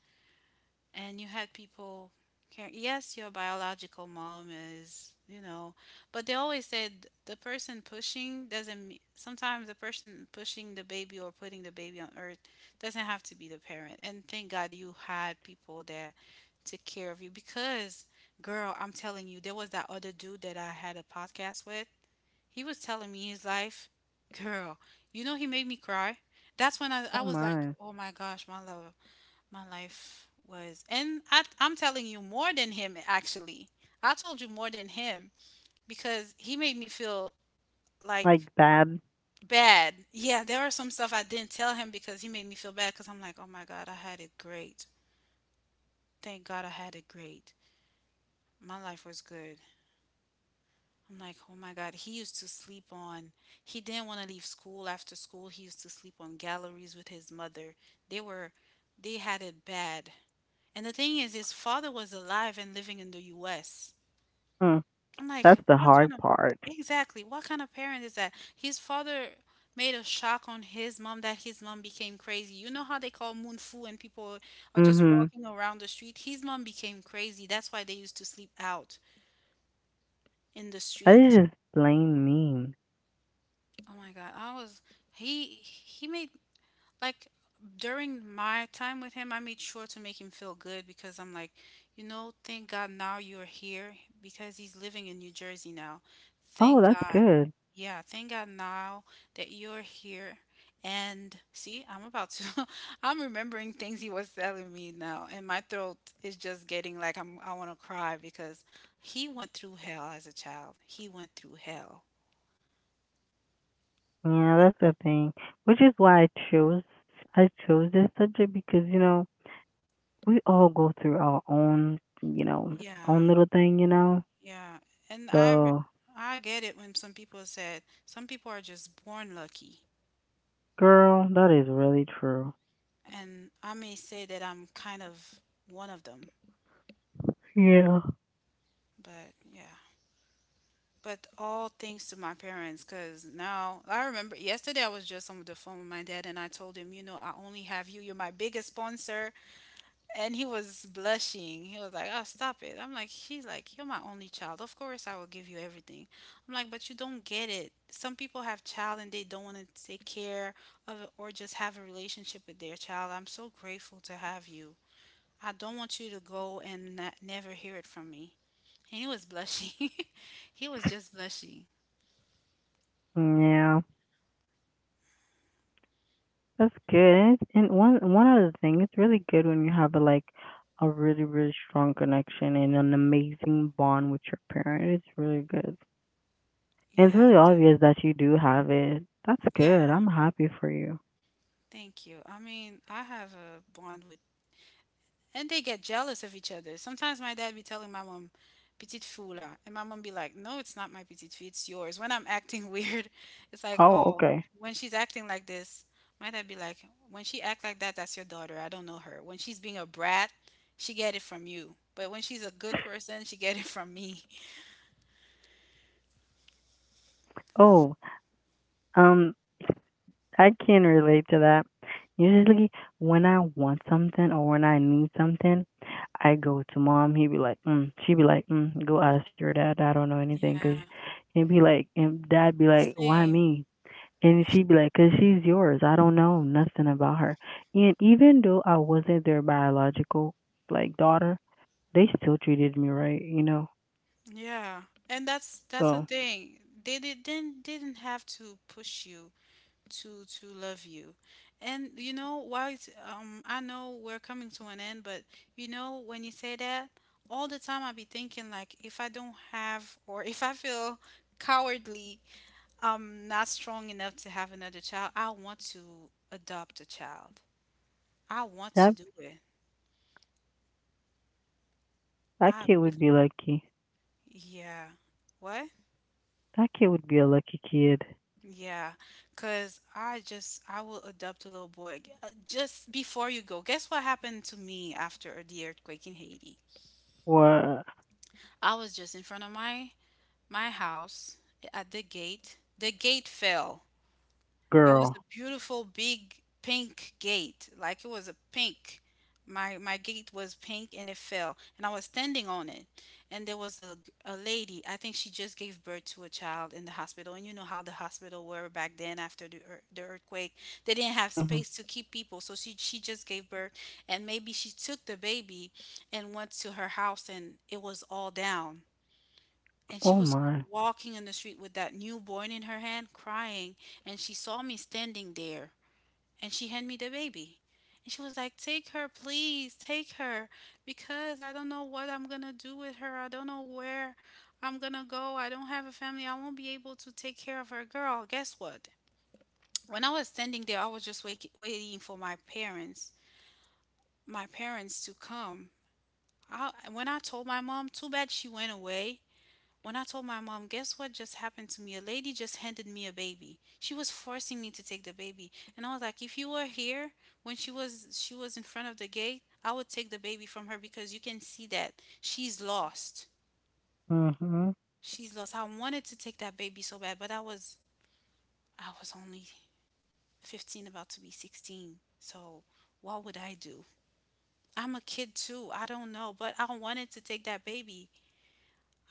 [SPEAKER 2] and you had people care yes your biological mom is you know but they always said the person pushing doesn't me- sometimes the person pushing the baby or putting the baby on earth doesn't have to be the parent and thank god you had people that took care of you because girl I'm telling you there was that other dude that I had a podcast with he was telling me his life girl you know he made me cry that's when I
[SPEAKER 1] oh
[SPEAKER 2] was like
[SPEAKER 1] my,
[SPEAKER 2] oh my gosh my love my life was, and I'm telling you more than him actually. I told you more than him because he made me feel like
[SPEAKER 1] like bad.
[SPEAKER 2] bad. Yeah, there are some stuff I didn't tell him because he made me feel bad because I'm like, oh my God, I had it great. Thank God I had it great. My life was good. I'm like, oh my God, he used to sleep on, he didn't want to leave school after school. He used to sleep on galleries with his mother. They were, they had it bad. And the thing is, his father was alive and living in the US.
[SPEAKER 1] Mm,
[SPEAKER 2] I'm like,
[SPEAKER 1] that's the
[SPEAKER 2] what kind
[SPEAKER 1] hard
[SPEAKER 2] of
[SPEAKER 1] part.
[SPEAKER 2] exactly what kind of parent is that? His father made a shock on his mom that his mom became crazy. You know how they call moon foo and people are just
[SPEAKER 1] Mhm.
[SPEAKER 2] walking around the street? His mom became crazy. That's why they used to sleep out in the
[SPEAKER 1] That
[SPEAKER 2] street.
[SPEAKER 1] is just plain mean.
[SPEAKER 2] Oh my God. I was he made like during my time with him, I made sure to make him feel good because I'm like, you know, thank God now you're here because he's living in New Jersey now.
[SPEAKER 1] Oh,
[SPEAKER 2] Thank
[SPEAKER 1] that's
[SPEAKER 2] God.
[SPEAKER 1] good.
[SPEAKER 2] Yeah, thank God now that you're here. And see, I'm about to, [LAUGHS] I'm remembering things he was telling me now, and my throat is just getting like I want to cry because he went through hell as a child. He went through hell.
[SPEAKER 1] Yeah, that's the thing. Which is why I chose this subject because you know we all go through our own you know
[SPEAKER 2] Yeah,
[SPEAKER 1] own little thing you know.
[SPEAKER 2] yeah. And
[SPEAKER 1] So
[SPEAKER 2] I get it when some people said some people are just born lucky.
[SPEAKER 1] girl, that is really true.
[SPEAKER 2] And I may say that I'm kind of one of them,
[SPEAKER 1] Yeah.
[SPEAKER 2] but yeah. But all thanks to my parents, because now I remember yesterday I was just on the phone with my dad and I told him, you know, I only have you. You're my biggest sponsor. And he was blushing. He was like, oh, stop it. I'm like, she's like, you're my only child. Of course I will give you everything. I'm like, but you don't get it. Some people have child and they don't want to take care of it or just have a relationship with their child. I'm so grateful to have you. I don't want you to go and not, never hear it from me. And he was blushing. [LAUGHS] he was just blushing.
[SPEAKER 1] Yeah. That's good. And, it's, and one other thing, it's really good when you have a like a really really strong connection and an amazing bond with your parent. It's really good. And it's
[SPEAKER 2] Yeah,
[SPEAKER 1] really obvious that you do have it. That's
[SPEAKER 2] yeah,
[SPEAKER 1] good. I'm happy for you.
[SPEAKER 2] thank you. I mean, I have a bond with, and they get jealous of each other. Sometimes my dad be telling my mom, "Petite foule," ah," and my mom be like, "No, it's not my petite fille, it's yours." When I'm acting [LAUGHS] weird, it's like,
[SPEAKER 1] Oh,
[SPEAKER 2] "Oh,
[SPEAKER 1] okay.
[SPEAKER 2] when she's acting like this," my dad be like, "When she act like that, that's your daughter. I don't know her. When she's being a brat, she get it from you, but when she's a good person, she get it from me." [LAUGHS]
[SPEAKER 1] Oh, um, I can relate to that. Usually, when I want something or when I need something, I go to mom. He'd be like, mm. She'd be like, mm, go ask your dad. I don't know anything. Cause
[SPEAKER 2] Yeah,
[SPEAKER 1] he'd be like, and dad be like, why
[SPEAKER 2] same.
[SPEAKER 1] me? And she'd be like, cause she's yours. I don't know nothing about her. And even though I wasn't their biological like daughter, they still treated me right, you know.
[SPEAKER 2] Yeah, and that's the
[SPEAKER 1] So
[SPEAKER 2] thing. They did, didn't have to push you to love you, and you know why? I know we're coming to an end, but you know when you say that, all the time I be thinking like if I don't have or [LAUGHS] if I feel cowardly, not strong enough to have another child. I want to adopt a child. I want to
[SPEAKER 1] that
[SPEAKER 2] do it.
[SPEAKER 1] that
[SPEAKER 2] I
[SPEAKER 1] kid
[SPEAKER 2] really,
[SPEAKER 1] would be lucky.
[SPEAKER 2] yeah. What?
[SPEAKER 1] That kid would be a lucky kid
[SPEAKER 2] Yeah, cause I will adopt a little boy. Just before you go, guess what happened to me after the earthquake in Haiti?
[SPEAKER 1] or
[SPEAKER 2] I was just in front of my house at the gate. The gate fell. It was
[SPEAKER 1] girl.
[SPEAKER 2] a beautiful big pink gate, like it was a pink. My gate was pink and it fell, and I was standing on it. And there was a lady, I think she just gave birth to a child in the hospital. And you know how the hospital were back then after the the earthquake. They didn't have
[SPEAKER 1] Hmm.
[SPEAKER 2] space to keep people, so she just gave birth, and maybe she took the baby and went to her house and it was all down, and
[SPEAKER 1] Oh
[SPEAKER 2] she was
[SPEAKER 1] my.
[SPEAKER 2] walking in the street with that newborn in her hand crying, and she saw me standing there, and she handed me the baby, and she was like, take her, please take her, because I don't know what I'm gonna do with her. I don't know where I'm gonna go. I don't have a family. I won't be able to take care of her. Girl, guess what? When I was standing there, I was just waiting for my parents, my parents to come. When I told my mom, too bad, she went away. When I told my mom, guess what just happened to me? A lady just handed me a baby. She was forcing me to take the baby. And I was like, if you were here when she was in front of the gate, I would take the baby from her because you can see that she's lost.
[SPEAKER 1] Mhm.
[SPEAKER 2] She's lost. I wanted to take that baby so bad, but I was only 15 about to be 16. So what would I do? I'm a kid too. I don't know, but I wanted to take that baby.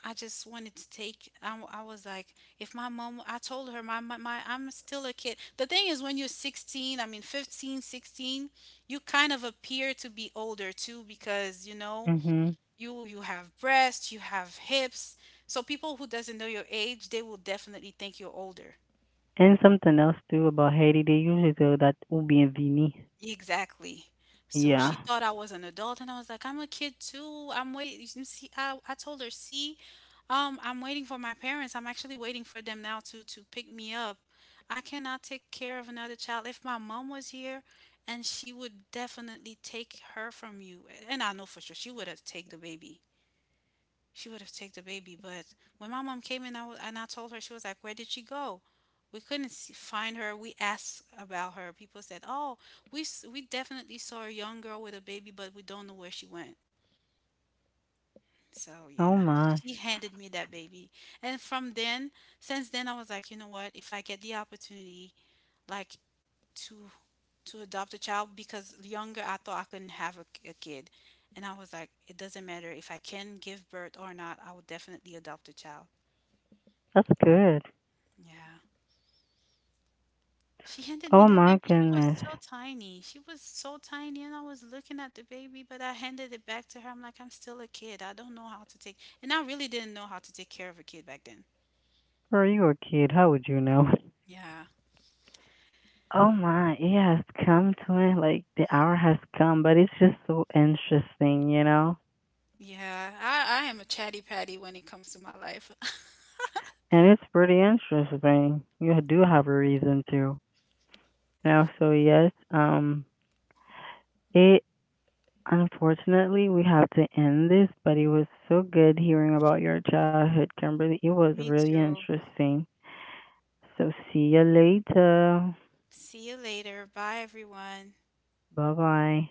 [SPEAKER 2] I just wanted to take. I was like, if my mom, I told her, I'm still a kid. The thing is, when you're 16, I mean 15, 16, you kind of appear to be older too because you know
[SPEAKER 1] Mhm.
[SPEAKER 2] you you have breasts, you have hips. So people who doesn't know your age, they will definitely think you're older.
[SPEAKER 1] And something else too about Haiti, they usually do that Ubienvini.
[SPEAKER 2] Exactly. So she
[SPEAKER 1] Yeah.
[SPEAKER 2] thought I was an adult, and I was like, I'm a kid too. I'm waiting. See, I told her, see, I'm waiting for my parents. I'm actually waiting for them now to pick me up. I cannot take care of another child. If my mom was here, and she would definitely take her from you, and I know for sure she would have take the baby. She would have taken the baby, but when my mom came in, I was, and I told her, she was like, "Where did she go?" We couldn't see, find her. We asked about her. People said, "Oh, we definitely saw a young girl with a baby, but we don't know where she went." So
[SPEAKER 1] Oh
[SPEAKER 2] yeah,
[SPEAKER 1] my.
[SPEAKER 2] she handed me that baby, and from then, since then, I was like, you know what? If I get the opportunity, like to adopt a child, because younger I thought I couldn't have a kid, and I was like, it doesn't matter if I can give birth or not. I will definitely adopt a child.
[SPEAKER 1] That's good.
[SPEAKER 2] Yeah. She handed me
[SPEAKER 1] Oh
[SPEAKER 2] that
[SPEAKER 1] my
[SPEAKER 2] baby. She was
[SPEAKER 1] goodness.
[SPEAKER 2] so tiny. She was so tiny, and I was looking at the baby, but I handed it back to her. I'm like, I'm still a kid. I don't know how to take, and I really didn't know how to take care of a kid back then.
[SPEAKER 1] Girl, you were a kid. How would you know?
[SPEAKER 2] Yeah.
[SPEAKER 1] Oh my, it has come to it. Like the hour has come, but it's just so interesting, you know?
[SPEAKER 2] Yeah. I am a chatty patty when it comes to my life. [LAUGHS]
[SPEAKER 1] And it's pretty interesting. You do have a reason to. You know, so yes, um, it Unfortunately, we have to end this, but it was so good hearing about your childhood, Kimberly. It was
[SPEAKER 2] Me
[SPEAKER 1] really
[SPEAKER 2] too.
[SPEAKER 1] interesting. So, see you later.
[SPEAKER 2] See you later. Bye, everyone.
[SPEAKER 1] Bye bye.